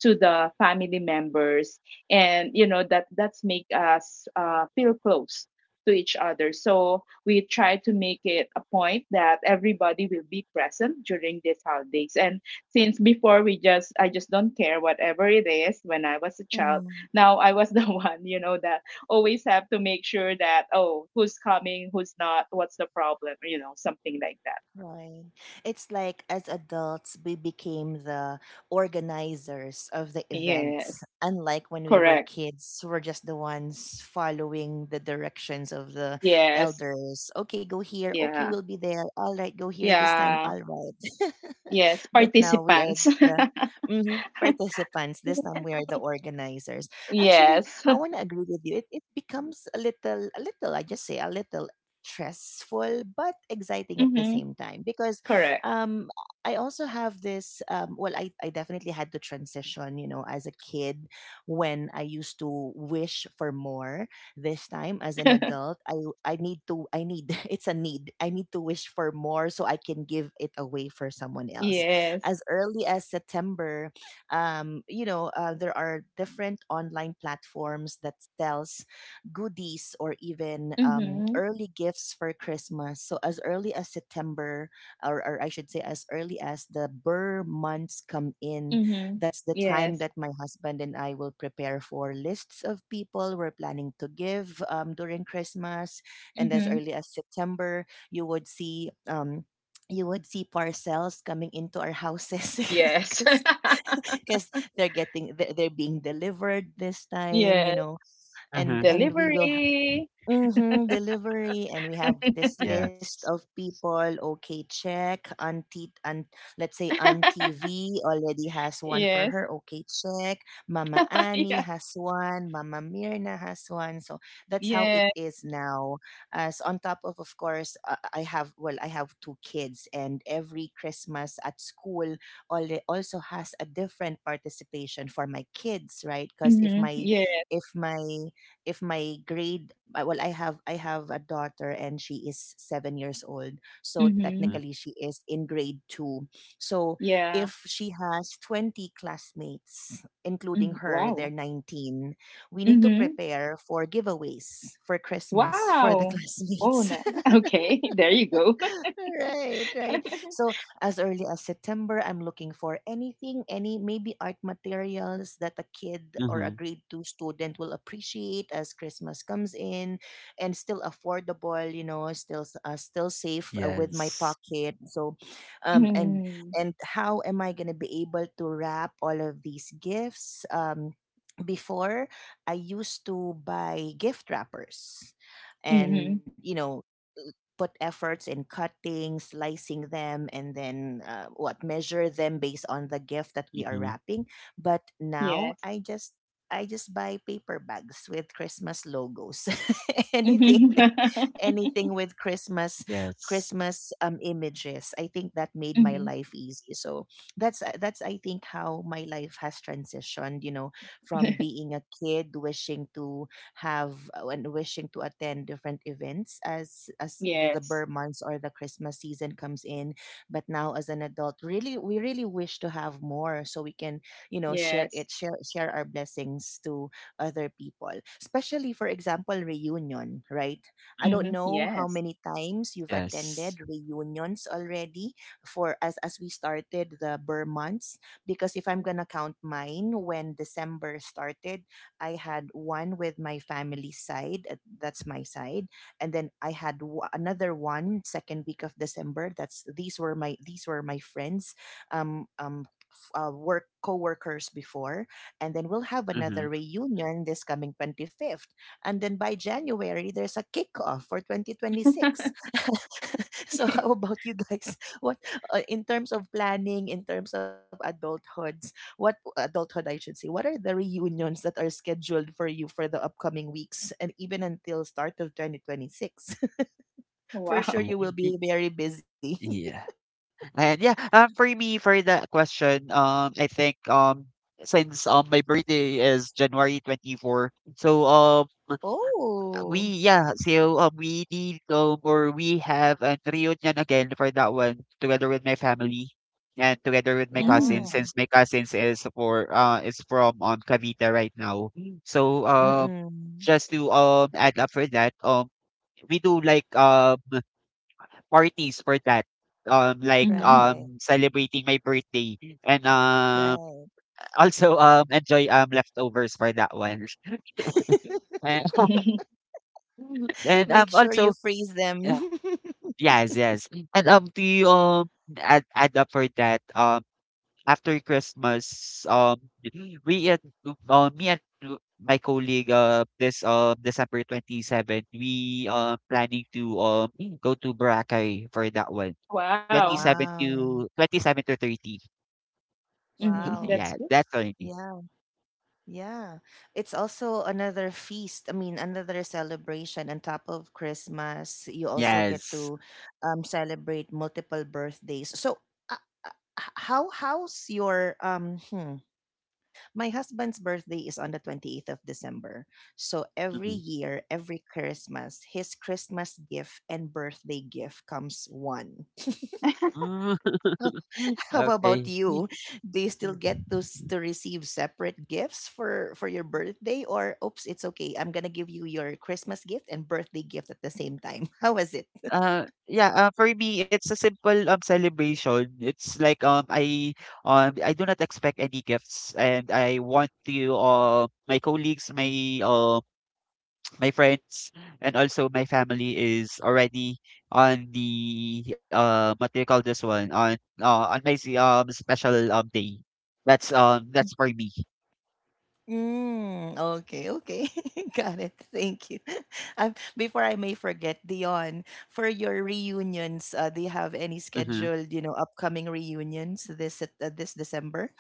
Speaker 2: to the family members, and you know that that's make us, feel close to each other, so we try to make it a point that everybody will be present during these holidays. And since before, we just, I just don't care whatever it is when I was a child,
Speaker 1: Mhm.
Speaker 2: now I was the one, you know, that always have to make sure that, oh, who's coming, who's not, what's the problem, you know, something like that.
Speaker 1: Right. It's like as adults, we became the organizers of the events.
Speaker 2: Yes,
Speaker 1: Unlike when we were
Speaker 2: correct.
Speaker 1: kids, we're just the ones following the directions of the
Speaker 2: Yes.
Speaker 1: elders. Okay, go here. Okay,
Speaker 2: Yeah.
Speaker 1: we'll be there. All right, go here this time.
Speaker 2: Yeah.
Speaker 1: All right.
Speaker 2: Yes,
Speaker 1: But now we are
Speaker 2: participants.
Speaker 1: the, mhm, participants. This time we are the organizers. Actually, I
Speaker 2: Yes.
Speaker 1: want to agree with you. It becomes a little, I just say a little stressful, but exciting at the
Speaker 2: Mm-hmm.
Speaker 1: same time. Because
Speaker 2: Correct.
Speaker 1: um I also have this, well, I definitely had to transition, you know, as a kid, when I used to wish for more. This time as an adult, I need, it's a need, I need to wish for more so I can give it away for someone else. As
Speaker 2: Yes.
Speaker 1: early as September, you know, there are different online platforms that sells goodies or even,
Speaker 2: Mm-hmm.
Speaker 1: early gifts for Christmas. So as early as September, or I should say as early as the Burr months come in,
Speaker 2: Mm-hmm.
Speaker 1: that's the time
Speaker 2: Yes.
Speaker 1: that my husband and I will prepare for lists of people we're planning to give, during Christmas. And as
Speaker 2: Mm-hmm.
Speaker 1: early as September, you would see, parcels coming into our houses
Speaker 2: Yes.
Speaker 1: because because they're getting, they're being delivered this time, you
Speaker 2: Yes.
Speaker 1: know, and
Speaker 3: mhm,
Speaker 1: and we will,
Speaker 2: Delivery.
Speaker 1: mm, delivery. And we have this list of
Speaker 3: yes.
Speaker 1: people: okay, check, auntie, and let's say auntie V already has one for
Speaker 2: Yes.
Speaker 1: her, okay, check, mama Annie
Speaker 2: Yeah.
Speaker 1: has one, mama Mirna has one, so that's how it
Speaker 2: Yeah.
Speaker 1: is now. As on top of course, I have, well, I have two kids, and every Christmas at school also has a different participation for my kids, right? Because if
Speaker 2: Mm-hmm.
Speaker 1: my,
Speaker 2: Yeah.
Speaker 1: if my if my grade well I have a daughter, and she is 7 years old, so
Speaker 2: Mm-hmm.
Speaker 3: Mhm,
Speaker 1: technically she is in grade 2. So
Speaker 2: Yeah.
Speaker 1: if she has 20 classmates, including
Speaker 2: Hmm.
Speaker 1: her, they're
Speaker 2: Wow.
Speaker 1: 19. We need to
Speaker 2: Mm-hmm.
Speaker 1: prepare for giveaways for Christmas for the
Speaker 2: Wow. Oh,
Speaker 1: classmates.
Speaker 2: na. Okay. There you go.
Speaker 1: Right, right. So as early as September, I'm looking for anything, any maybe art materials that a kid or a
Speaker 3: mhm,
Speaker 1: grade 2 student will appreciate as Christmas comes in, and still affordable, you know, still safe, with my
Speaker 3: yes.
Speaker 1: pocket. So, um, and
Speaker 2: Mm-hmm.
Speaker 1: and how am I gonna be able to wrap all of these gifts? Before I used to buy gift wrappers, and you
Speaker 2: Mm-hmm.
Speaker 1: know put efforts in cutting, slicing them, and then, what measure them based on the gift that we are
Speaker 3: Mhm,
Speaker 1: wrapping. But now
Speaker 2: Yes.
Speaker 1: I just, buy paper bags with Christmas logos, anything,
Speaker 2: Mm-hmm.
Speaker 1: anything with Christmas,
Speaker 3: yes.
Speaker 1: Images. I think that made my
Speaker 2: Mm-hmm.
Speaker 1: life easy. So that's I think how my life has transitioned, you know, from being a kid wishing to have, when wishing to attend different events as the
Speaker 2: Yes.
Speaker 1: Burr months or the Christmas season comes in. But now as an adult, really we really wish to have more so we can, you know, share
Speaker 2: Yes.
Speaker 1: it, share share our blessings to other people. Especially for example, reunion, right? I don't
Speaker 2: Mhm.
Speaker 1: know how
Speaker 2: Yes.
Speaker 1: many times you've
Speaker 3: Yes.
Speaker 1: attended reunions already for as we started the Burr months because if I'm gonna count mine when December started, I had one with my family side, that's my side, and then I had another one second week of December. That's these were my friends, work co-workers before, and then we'll have
Speaker 3: Mhm.
Speaker 1: another reunion this coming 25th, and then by january there's a kickoff for 2026. So how about you guys? What in terms of planning, in terms of adulthood, what adulthood I should say, what are the reunions that are scheduled for you for the upcoming weeks and even until start of 2026? For sure
Speaker 2: Wow.
Speaker 3: Mhm,
Speaker 1: you will be very busy.
Speaker 3: yeah. And yeah, for me, for that question, I think since my birthday is January 24, so we
Speaker 1: Oh,
Speaker 3: yeah, so we did go or we have a reunion again for that one together with my family and together with my cousins
Speaker 1: yeah.
Speaker 2: Mm,
Speaker 3: since my cousins is for is from Cavite right now. Mm. So
Speaker 1: Mm-mm.
Speaker 3: just to add up for that, we do like parties for that.
Speaker 2: mhm.
Speaker 1: Right,
Speaker 3: Celebrating my birthday and
Speaker 1: right.
Speaker 3: also enjoy leftovers for that one. And, and
Speaker 1: Make sure
Speaker 3: also
Speaker 1: you freeze them.
Speaker 3: yes, yes. And do you add up for that? After Christmas, we at me and my colleague this December 27th, we planning to go to Boracay for that one. Twenty
Speaker 2: Wow.
Speaker 3: seven
Speaker 1: Wow.
Speaker 3: to 27 to 30.
Speaker 2: Mhm, that's
Speaker 1: Wow.
Speaker 3: Yeah,
Speaker 2: good.
Speaker 3: that's only.
Speaker 1: Yeah. Yeah. It's also another feast. I mean, another celebration on top of Christmas. You also get
Speaker 3: Yes.
Speaker 1: to celebrate multiple birthdays. So, uh, uh, how how's your my husband's birthday is on the 28th of December. So every
Speaker 3: Mhm.
Speaker 1: year, every Christmas, his Christmas gift and birthday gift comes one.
Speaker 3: Mm,
Speaker 1: How about
Speaker 3: okay.
Speaker 1: you? Do you still get to to receive separate gifts for your birthday? Or oops, it's okay. I'm going to give you your Christmas gift and birthday gift at the same time. How was it?
Speaker 3: Yeah, for me, it's a simple celebration. It's like I do not expect any gifts, and I want to my colleagues, my my friends, and also my family is already on the what do you call this one on special day. That's for me.
Speaker 1: Mm, okay, okay. Got it. Thank you. Before I may forget, Dion, for your reunions, do you have any
Speaker 3: Mm-hmm,
Speaker 1: scheduled, you know, upcoming reunions this this December?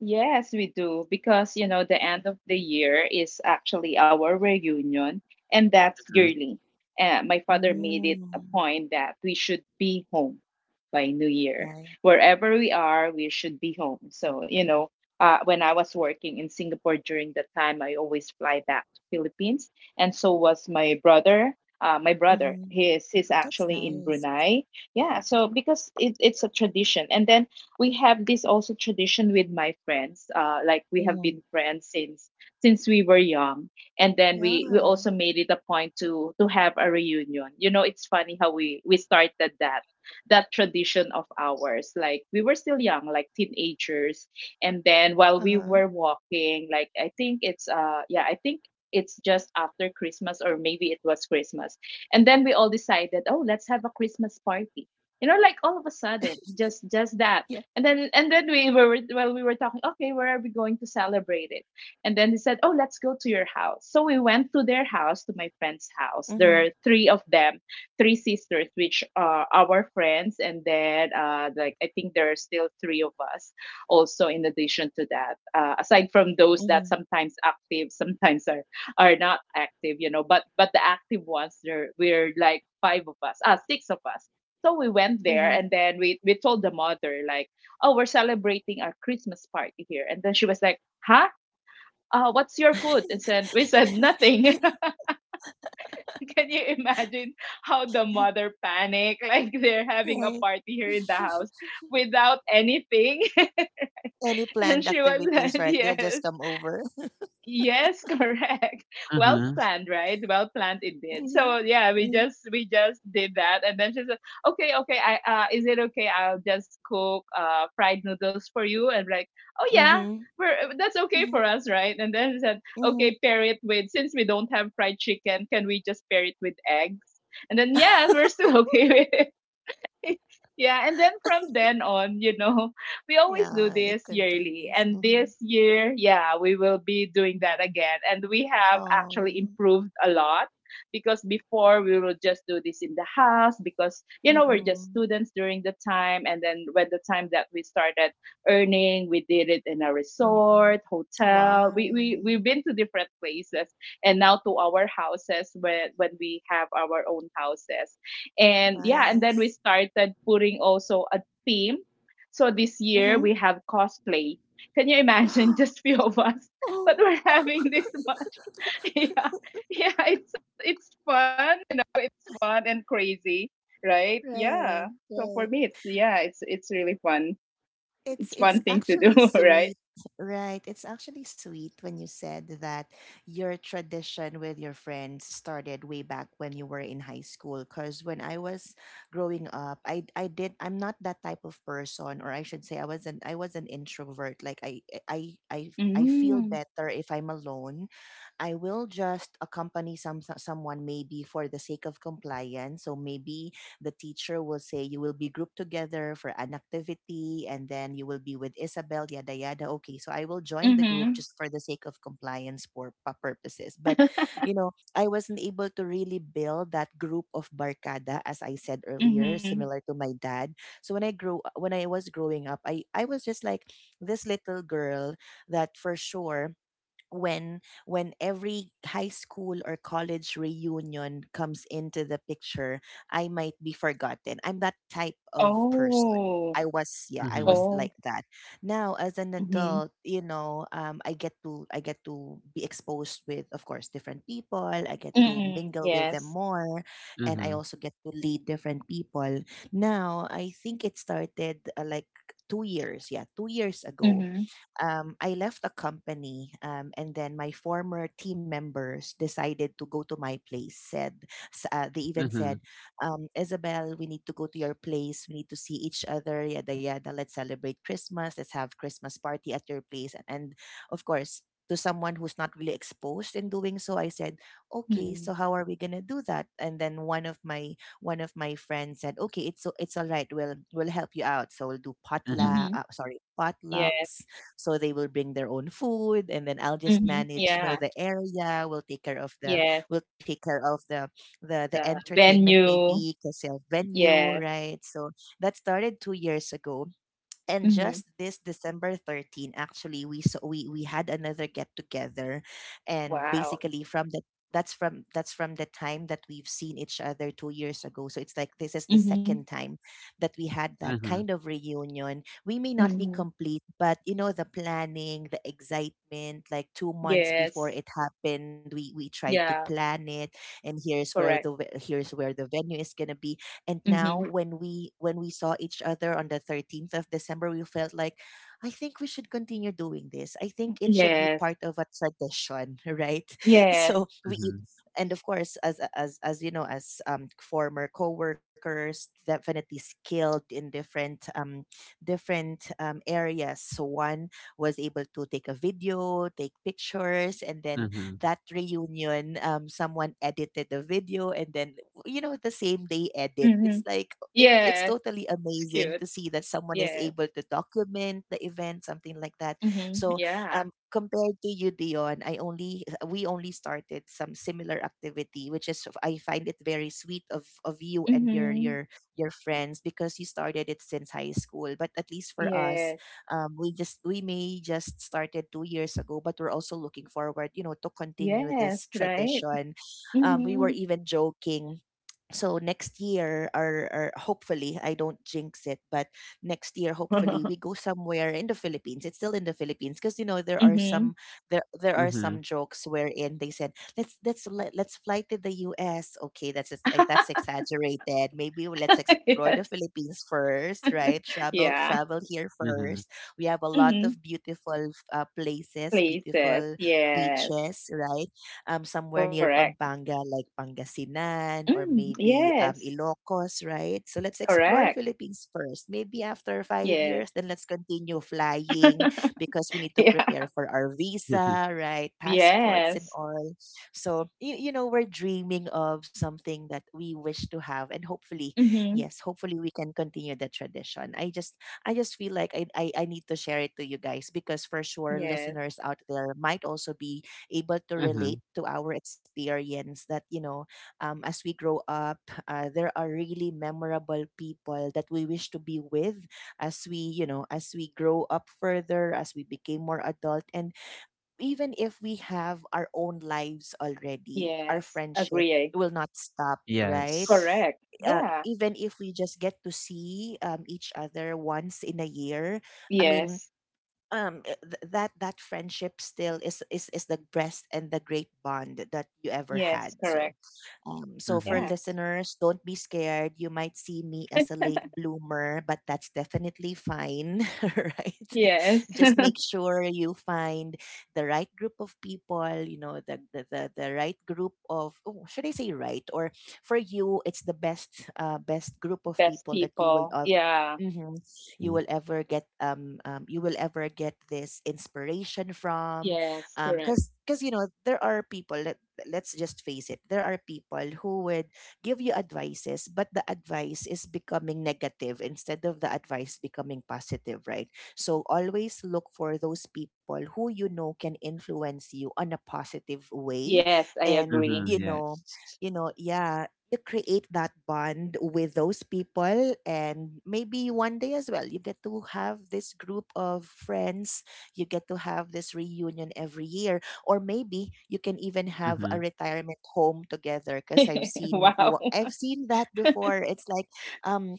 Speaker 2: Yes, we do. Because, you know, the end of the year is actually our reunion, and that's
Speaker 3: mm-hmm,
Speaker 2: yearly. My father made it a
Speaker 1: Mm,
Speaker 2: point that we should be home by New Year.
Speaker 1: right.
Speaker 2: Wherever we are, we should be home. So, you know, when I was working in Singapore during that time, I always fly back to Philippines, and so was my brother. My brother,
Speaker 1: Mm-hmm.
Speaker 2: he is he's
Speaker 1: That's
Speaker 2: actually in
Speaker 1: nice.
Speaker 2: Brunei. Yeah, so because it's a tradition. And then we have this also tradition with my friends, like we have been
Speaker 1: Mm-hmm.
Speaker 2: friends since we were young. And then we also
Speaker 1: Yeah.
Speaker 2: made it a point to have a reunion. You know, it's funny how we started that, that tradition of ours. Like, we were still young, like teenagers, and then while
Speaker 1: Uh-huh.
Speaker 2: we were walking, like, I think it's, yeah, I think it's just after Christmas, or maybe it was Christmas, and then we all decided, oh, let's have a Christmas party, you know, like all of a sudden, just
Speaker 1: Yeah.
Speaker 2: that. And then and then we were, well, we were talking, okay, where are we going to celebrate it? And then they said, oh, let's go to your house. So we went to their house, to my friend's house.
Speaker 1: Mm-hmm.
Speaker 2: There are three of them, three sisters, which are our friends, and then, like, I think there are still three of us also in addition to that. Aside from those
Speaker 1: Mm-hmm.
Speaker 2: that sometimes active, sometimes are not active, you know, but the active ones there, we're like five of us, ah, six of us. So we went there,
Speaker 1: Mm-hmm.
Speaker 2: and then we told the mother, like, oh, we're celebrating our Christmas party here. And then she was like, huh? What's your food? And said, we said nothing. Can you imagine how the mother panicked? Like, they're having a
Speaker 1: Right.
Speaker 2: party here in the house without anything.
Speaker 1: Any
Speaker 2: And
Speaker 1: planned
Speaker 2: she was
Speaker 1: activities,
Speaker 2: like,
Speaker 1: right? They'll just
Speaker 2: yes.
Speaker 1: come over.
Speaker 2: Yes, correct. Well
Speaker 3: mm-hmm,
Speaker 2: planned, right? Well planned indeed.
Speaker 1: Mm-hmm.
Speaker 2: So yeah, we just did that, and then she said, "Okay, okay, I, is it okay? I'll just cook fried noodles for you." And like, "Oh yeah,
Speaker 1: Mm-hmm.
Speaker 2: we're, that's okay
Speaker 1: Mm-hmm.
Speaker 2: for us, right?" And then she said,
Speaker 1: Mm-hmm.
Speaker 2: "Okay, pair it with, since we don't have fried chicken, can we just pair it with eggs?" And then yeah, we're still okay with it. Yeah, and then from then on, you know, we always do
Speaker 1: Yeah, it
Speaker 2: this yearly.
Speaker 1: continues.
Speaker 2: And
Speaker 1: Mm-hmm.
Speaker 2: this year, yeah, we will be doing that again. And we have actually
Speaker 1: Oh.
Speaker 2: improved a lot, because before we will just do this in the house, because, you know, we're just
Speaker 1: Mm-mm.
Speaker 2: students during the time. And then when the time that we started earning, we did it in a resort,
Speaker 1: Mm-mm.
Speaker 2: hotel. We've
Speaker 1: Wow.
Speaker 2: been to different places, and now to our houses when we have our own houses. And yeah, and then we
Speaker 1: Nice.
Speaker 2: started putting also a theme. So this year
Speaker 1: Mm-hmm.
Speaker 2: we have cosplay. Can you imagine just few of us? But
Speaker 1: Oh.
Speaker 2: we're having this much. Yeah. Yeah, it's fun, you know, it's fun and crazy, right? Yeah.
Speaker 1: Right.
Speaker 2: So for
Speaker 1: Right.
Speaker 2: me it's, yeah, it's really fun. It's fun
Speaker 1: It's
Speaker 2: thing to do,
Speaker 1: actually
Speaker 2: right?
Speaker 1: sweet, right? It's actually sweet when you said that your tradition with your friends started way back when you were in high school. Because when I was growing up, I did I'm not that type of person, or I should say I was an introvert. Like I I feel
Speaker 2: Mm.
Speaker 1: better if I'm alone. I will just accompany someone maybe for the sake of compliance. So maybe the teacher will say you will be grouped together for an activity and then you will be with Isabel, yada yada. Okay, so I will join the group
Speaker 2: Mhm.
Speaker 1: just for the sake of compliance for purposes. But you know, I wasn't able to really build that group of barkada as I said earlier,
Speaker 2: Mhm.
Speaker 1: similar to my dad. So when I was growing up, I was just like this little girl that for sure when every high school or college reunion comes into the picture, I might be forgotten. I'm that type of person.
Speaker 2: Oh.
Speaker 1: I was
Speaker 3: mm-hmm,
Speaker 2: Oh.
Speaker 1: like that. Now as an
Speaker 2: Mhm.
Speaker 1: adult, you know, I get to be exposed with of course different people. I get to
Speaker 2: Mm.
Speaker 1: mingle with them
Speaker 2: Yes.
Speaker 1: more, and I
Speaker 3: mm-hmm,
Speaker 1: also get to lead different people. Now I think it started like 2 years ago.
Speaker 2: Mhm.
Speaker 1: I left a company, and then my former team members decided to go to my place. Said s- they even said,
Speaker 3: mm-hmm,
Speaker 1: "Isabel, we need to go to your place. We need to see each other. Yada yada. Let's celebrate Christmas. Let's have Christmas party at your place." And of course, to someone who's not really exposed in doing so, I said, "Okay,
Speaker 2: Mhm.
Speaker 1: so how are we gonna do that?" And then one of my friends said, "Okay, it's it's all right. We'll help you out. So we'll do
Speaker 3: mm-hmm,
Speaker 2: Mhm.
Speaker 1: Potlucks, so they will bring their own food, and then I'll just
Speaker 2: Mhm.
Speaker 1: manage, you know,
Speaker 2: Yeah.
Speaker 1: the area.
Speaker 2: Yes.
Speaker 1: We'll take care of the the
Speaker 2: The
Speaker 1: entertainment,
Speaker 2: venue.
Speaker 1: maybe because of venue,
Speaker 2: Yes.
Speaker 1: right? So that started 2 years ago. And
Speaker 2: Mhm.
Speaker 1: just this December 13th, actually, we so we had another get together, and
Speaker 2: Wow.
Speaker 1: basically from the that's from the time that we've seen each other 2 years ago. So it's like this is the
Speaker 2: Mhm.
Speaker 1: second time that we had that
Speaker 3: mm-hmm,
Speaker 1: kind of reunion. We may not be
Speaker 2: Mhm.
Speaker 1: complete, but you know the planning, the excitement. Like 2 months before
Speaker 2: Yes.
Speaker 1: it happened, we tried to
Speaker 2: Yeah.
Speaker 1: plan it, and
Speaker 2: Correct.
Speaker 1: here's where the venue is gonna be. And now
Speaker 2: Mhm.
Speaker 1: when we saw each other on the 13th of december, we felt like I think we should continue doing this. I think it should be
Speaker 2: Yes.
Speaker 1: part of a tradition. Right?
Speaker 2: Yes.
Speaker 1: So we,
Speaker 3: mm-hmm,
Speaker 1: and of course as as you know, as former coworkers, definitely skilled in different different areas, so one was able to take a video, take pictures, and then
Speaker 3: mm-hmm,
Speaker 1: that reunion, someone edited the video, and then you know, the same day edit. It's
Speaker 2: Mhm.
Speaker 1: like it's
Speaker 2: Yes.
Speaker 1: totally
Speaker 2: It's
Speaker 1: amazing
Speaker 2: cute.
Speaker 1: to see that someone is
Speaker 2: Yes.
Speaker 1: able to document the event, something like that.
Speaker 2: Mhm.
Speaker 1: So,
Speaker 2: Yeah.
Speaker 1: compared to you, Dion, I only we only started some similar activity, which is I find it very sweet of you and
Speaker 2: Mhm.
Speaker 1: your friends because you started it since high school. But at least for us,
Speaker 2: Yes.
Speaker 1: we may just started 2 years ago, but we're also looking forward, you know, to continue
Speaker 2: Yes.
Speaker 1: this
Speaker 2: Right.
Speaker 1: tradition. We were
Speaker 2: Mhm.
Speaker 1: even joking, so next year, or hopefully I don't jinx it, but next year hopefully we go somewhere in the philippines. It's still in the philippines because you know there are
Speaker 2: Mhm.
Speaker 1: some there are some
Speaker 3: mm-hmm.
Speaker 1: jokes wherein they said let's fly to the us. Okay, that's that's exaggerated. Maybe let's explore the
Speaker 2: yes.
Speaker 1: philippines first, right?
Speaker 2: Yeah.
Speaker 1: Travel here first.
Speaker 3: Mm-hmm.
Speaker 1: We have a lot of
Speaker 2: Mhm.
Speaker 1: beautiful places,
Speaker 2: Places.
Speaker 1: beautiful
Speaker 2: Yes.
Speaker 1: beaches, right? Somewhere near
Speaker 2: Correct.
Speaker 1: Pampanga, like Pangasinan, or
Speaker 2: Mm.
Speaker 1: maybe
Speaker 2: Yes.
Speaker 1: Ilocos, right? So let's explore
Speaker 2: Correct.
Speaker 1: Philippines first. Maybe after 5 years,
Speaker 2: Yes.
Speaker 1: then let's continue flying because we need to
Speaker 2: Yeah.
Speaker 1: prepare for our
Speaker 3: Mhm,
Speaker 1: visa, right? Passports and
Speaker 2: Yes.
Speaker 1: all. So, you know, we're dreaming of something that we wish to have. And hopefully,
Speaker 2: Mm-hmm.
Speaker 1: yes, hopefully we can continue the tradition. I just feel like I need to share it to you guys because for sure
Speaker 2: Yes.
Speaker 1: listeners out there might also be able to relate
Speaker 3: mhm,
Speaker 1: to our experience that you know, as we grow up, there are really memorable people that we wish to be with as we, you know, as we grow up further, as we became more adult. And even if we have our own lives already, our
Speaker 2: Yes.
Speaker 1: friendship
Speaker 2: Agree.
Speaker 1: will not stop, right?
Speaker 3: yes.
Speaker 2: Correct. Yeah.
Speaker 1: Even if we just get to see each other once in a year, I mean,
Speaker 2: Yes.
Speaker 1: that that friendship still is the best and the great bond that you ever
Speaker 2: Yes.
Speaker 1: had. So,
Speaker 2: Correct.
Speaker 1: so for
Speaker 2: Yeah.
Speaker 3: Mhm,
Speaker 1: listeners, don't be scared. You might see me as a late bloomer, but that's definitely fine, right?
Speaker 2: Yes.
Speaker 1: Just make sure you find the right group of people, you know, the right group of, oh, should I say right? Or for you, it's the best best group of
Speaker 2: Best
Speaker 1: people that you will
Speaker 2: people. Yeah.
Speaker 1: hmm you will
Speaker 3: mm,
Speaker 1: ever get, you will ever get this inspiration from,
Speaker 2: Yes. Correct.
Speaker 1: because you know there are people, let's just face it, there are people who would give you advices, but the advice is becoming negative instead of the advice becoming positive, right? So always look for those people who you know can influence you on a positive way.
Speaker 2: Yes. I
Speaker 1: And
Speaker 2: agree.
Speaker 3: mhm,
Speaker 1: you know,
Speaker 3: yes.
Speaker 1: you know, yeah, you create that bond with those people, and maybe one day as well you get to have this group of friends. You get to have this reunion every year, or maybe you can even have a
Speaker 3: Mhm,
Speaker 1: retirement home together because
Speaker 2: Wow.
Speaker 1: I've seen that before. It's like um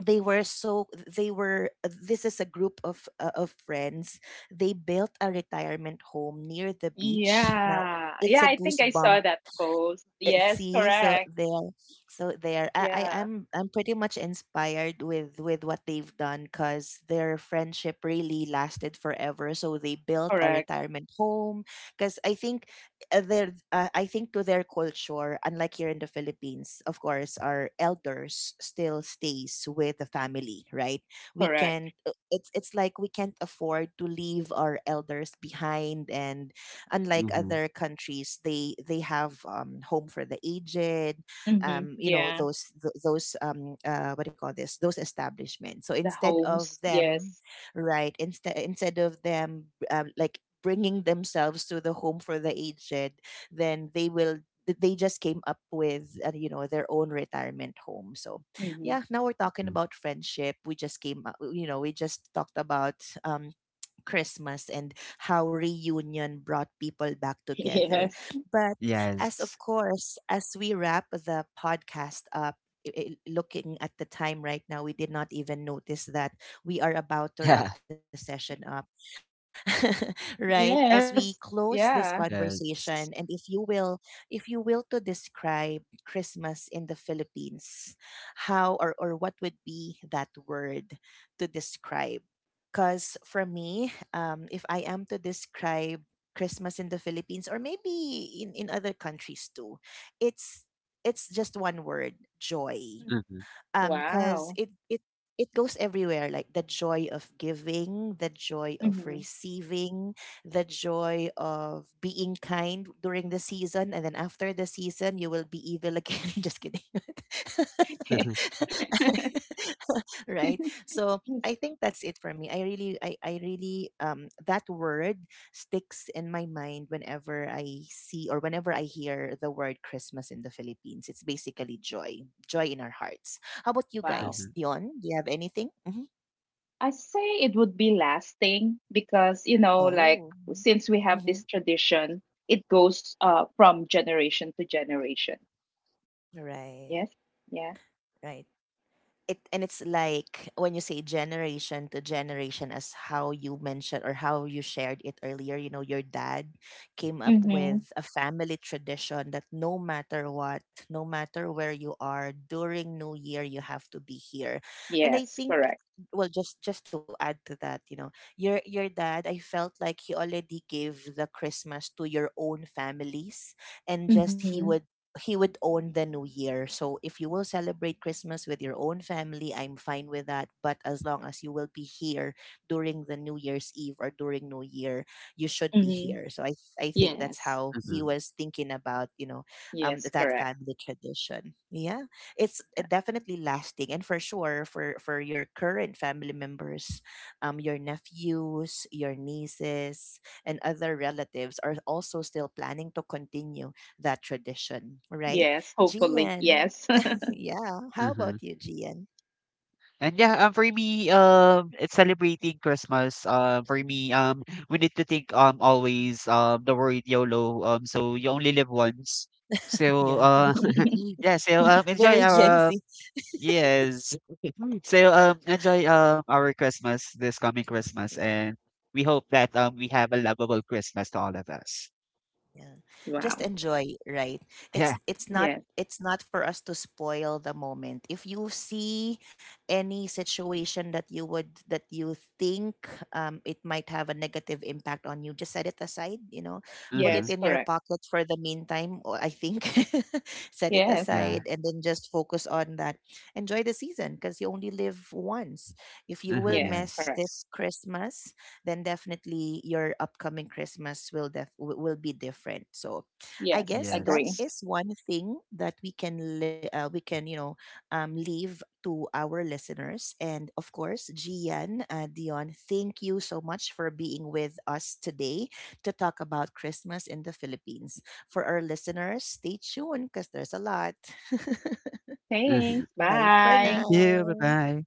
Speaker 1: they were so they were this is a group of friends. They built a retirement home near the beach now.
Speaker 2: Yeah. Yeah.
Speaker 1: It's a
Speaker 2: I think I saw
Speaker 1: goosebump.
Speaker 2: that post.
Speaker 1: Uh,
Speaker 2: Yes.
Speaker 1: see so
Speaker 2: Correct.
Speaker 1: there so there I
Speaker 2: Yeah.
Speaker 1: I'm pretty much inspired with what they've done, because their friendship really lasted forever, so they built a
Speaker 2: Correct.
Speaker 1: retirement home. Because I think to their culture, unlike here in the Philippines, of course our elders still stays with the family, right? We
Speaker 2: Correct.
Speaker 1: can not, it's like we can't afford to leave our elders behind. And unlike
Speaker 3: mhm,
Speaker 1: other countries, they have home for the aged,
Speaker 2: Mm-hmm.
Speaker 1: you know
Speaker 2: Yeah.
Speaker 1: those th- those what do you call this those establishments. So
Speaker 2: The
Speaker 1: instead of
Speaker 2: homes.
Speaker 1: them,
Speaker 2: Yes.
Speaker 1: right, instead of them, like, bringing themselves to the home for the aged, then they will, they just came up with their own retirement home. So
Speaker 2: Mm-hmm.
Speaker 1: yeah, now we're talking
Speaker 3: mm,
Speaker 1: about friendship. We just came up, you know, we just talked about um Christmas and how reunion brought people back together.
Speaker 2: Yes.
Speaker 1: But as, of
Speaker 3: yes.
Speaker 1: course, as we wrap the podcast up, looking at the time right now, we did not even notice that we are about to wrap the session up. Right? As we
Speaker 2: Yes.
Speaker 1: close this
Speaker 2: Yeah.
Speaker 3: Yeah,
Speaker 1: conversation, and
Speaker 3: yes.
Speaker 1: if you will to describe Christmas in the Philippines, how, or what would be that word to describe. Because for me, if I am to describe Christmas in the Philippines, or maybe in other countries too, it's it's just one word: joy.
Speaker 2: Mhm.
Speaker 3: Mhm,
Speaker 1: um because
Speaker 2: Wow.
Speaker 1: it it it goes everywhere, like the joy of giving, the joy of
Speaker 2: Mhm.
Speaker 1: receiving, the joy of being kind during the season. And then after the season you will be evil again just kidding
Speaker 3: mhm,
Speaker 1: right, so I think that's it for me. I really I really that word sticks in my mind. Whenever I see or whenever I hear the word Christmas in the Philippines, it's basically joy. Joy in our hearts. How about you
Speaker 2: Wow.
Speaker 1: guys?
Speaker 3: mhm,
Speaker 1: Dion, do you have anything? Hmm.
Speaker 2: I say it would be lasting, because, you know, like,
Speaker 1: Oh.
Speaker 2: since we have this
Speaker 1: Mm-hmm.
Speaker 2: tradition, it goes from generation to generation.
Speaker 1: Right.
Speaker 2: Yes. Yeah.
Speaker 1: Right. It, and it's like when you say generation to generation, as how you mentioned or how you shared it earlier, you know, your dad came up
Speaker 2: Mm-hmm.
Speaker 1: with a family tradition that no matter what, no matter where you are during New Year, you have to be here. And I
Speaker 2: Yes,
Speaker 1: think,
Speaker 2: correct.
Speaker 1: well, just to add to that, you know, your dad, I felt like he already gave the Christmas to your own families, and just he
Speaker 2: Mm-hmm.
Speaker 1: would, he would own the New Year. So if you will celebrate Christmas with your own family, I'm fine with that. But as long as you will be here during the New Year's Eve or during New Year, you should be
Speaker 2: Mm-hmm.
Speaker 1: here. So I think that's
Speaker 2: Yes.
Speaker 1: how he
Speaker 3: mhm,
Speaker 1: was thinking about, you know,
Speaker 2: Yes,
Speaker 1: that
Speaker 2: correct.
Speaker 1: family tradition. Yeah. It's eh,
Speaker 2: Yeah.
Speaker 1: definitely lasting, and for sure for your current family members, your nephews, your nieces and other relatives are also still planning to continue that tradition, right?
Speaker 2: Yes, hopefully.
Speaker 1: Gian,
Speaker 2: Yes.
Speaker 1: yeah. How
Speaker 3: mhm.
Speaker 1: about you, Gian?
Speaker 3: And yeah, for me, it's celebrating Christmas. For me, we need to think, always, the word YOLO. So you only live once. So,
Speaker 1: Yeah,
Speaker 3: yeah. So, enjoy
Speaker 1: very Gen
Speaker 3: our
Speaker 1: Z.
Speaker 3: yes. So enjoy our Christmas this coming Christmas and we hope that we have a lovable Christmas to all of us.
Speaker 1: Yeah. Just
Speaker 2: Wow.
Speaker 1: enjoy, right?
Speaker 3: Yeah.
Speaker 1: It's it's
Speaker 2: Yes.
Speaker 1: not for us to spoil the moment. If you see any situation that you would, that you think it might have a negative impact on you, just set it aside, you know. Put
Speaker 3: Mm-hmm.
Speaker 1: it
Speaker 2: Yes,
Speaker 1: in your
Speaker 2: correct.
Speaker 1: pocket for the meantime, or I think, set it
Speaker 2: Yes.
Speaker 3: Yeah.
Speaker 1: aside and then just focus on that. Enjoy the season, because you only live once. If you
Speaker 3: Mm-hmm.
Speaker 1: will
Speaker 2: Yes,
Speaker 1: mess
Speaker 3: Yes.
Speaker 2: correct.
Speaker 1: this Christmas, then definitely your upcoming Christmas will will be different. So, I
Speaker 2: Yes,
Speaker 1: guess that
Speaker 2: agree.
Speaker 3: Yes.
Speaker 1: is one thing that we can we can, you know, leave to our listeners. And of course, Gian, Dion, thank you so much for being with us today to talk about Christmas in the Philippines. For our listeners, stay tuned because there's a lot.
Speaker 3: Mm-hmm.
Speaker 2: Thanks.
Speaker 1: Bye for
Speaker 3: Thank
Speaker 2: Bye.
Speaker 3: you. Bye
Speaker 1: now.
Speaker 3: bye.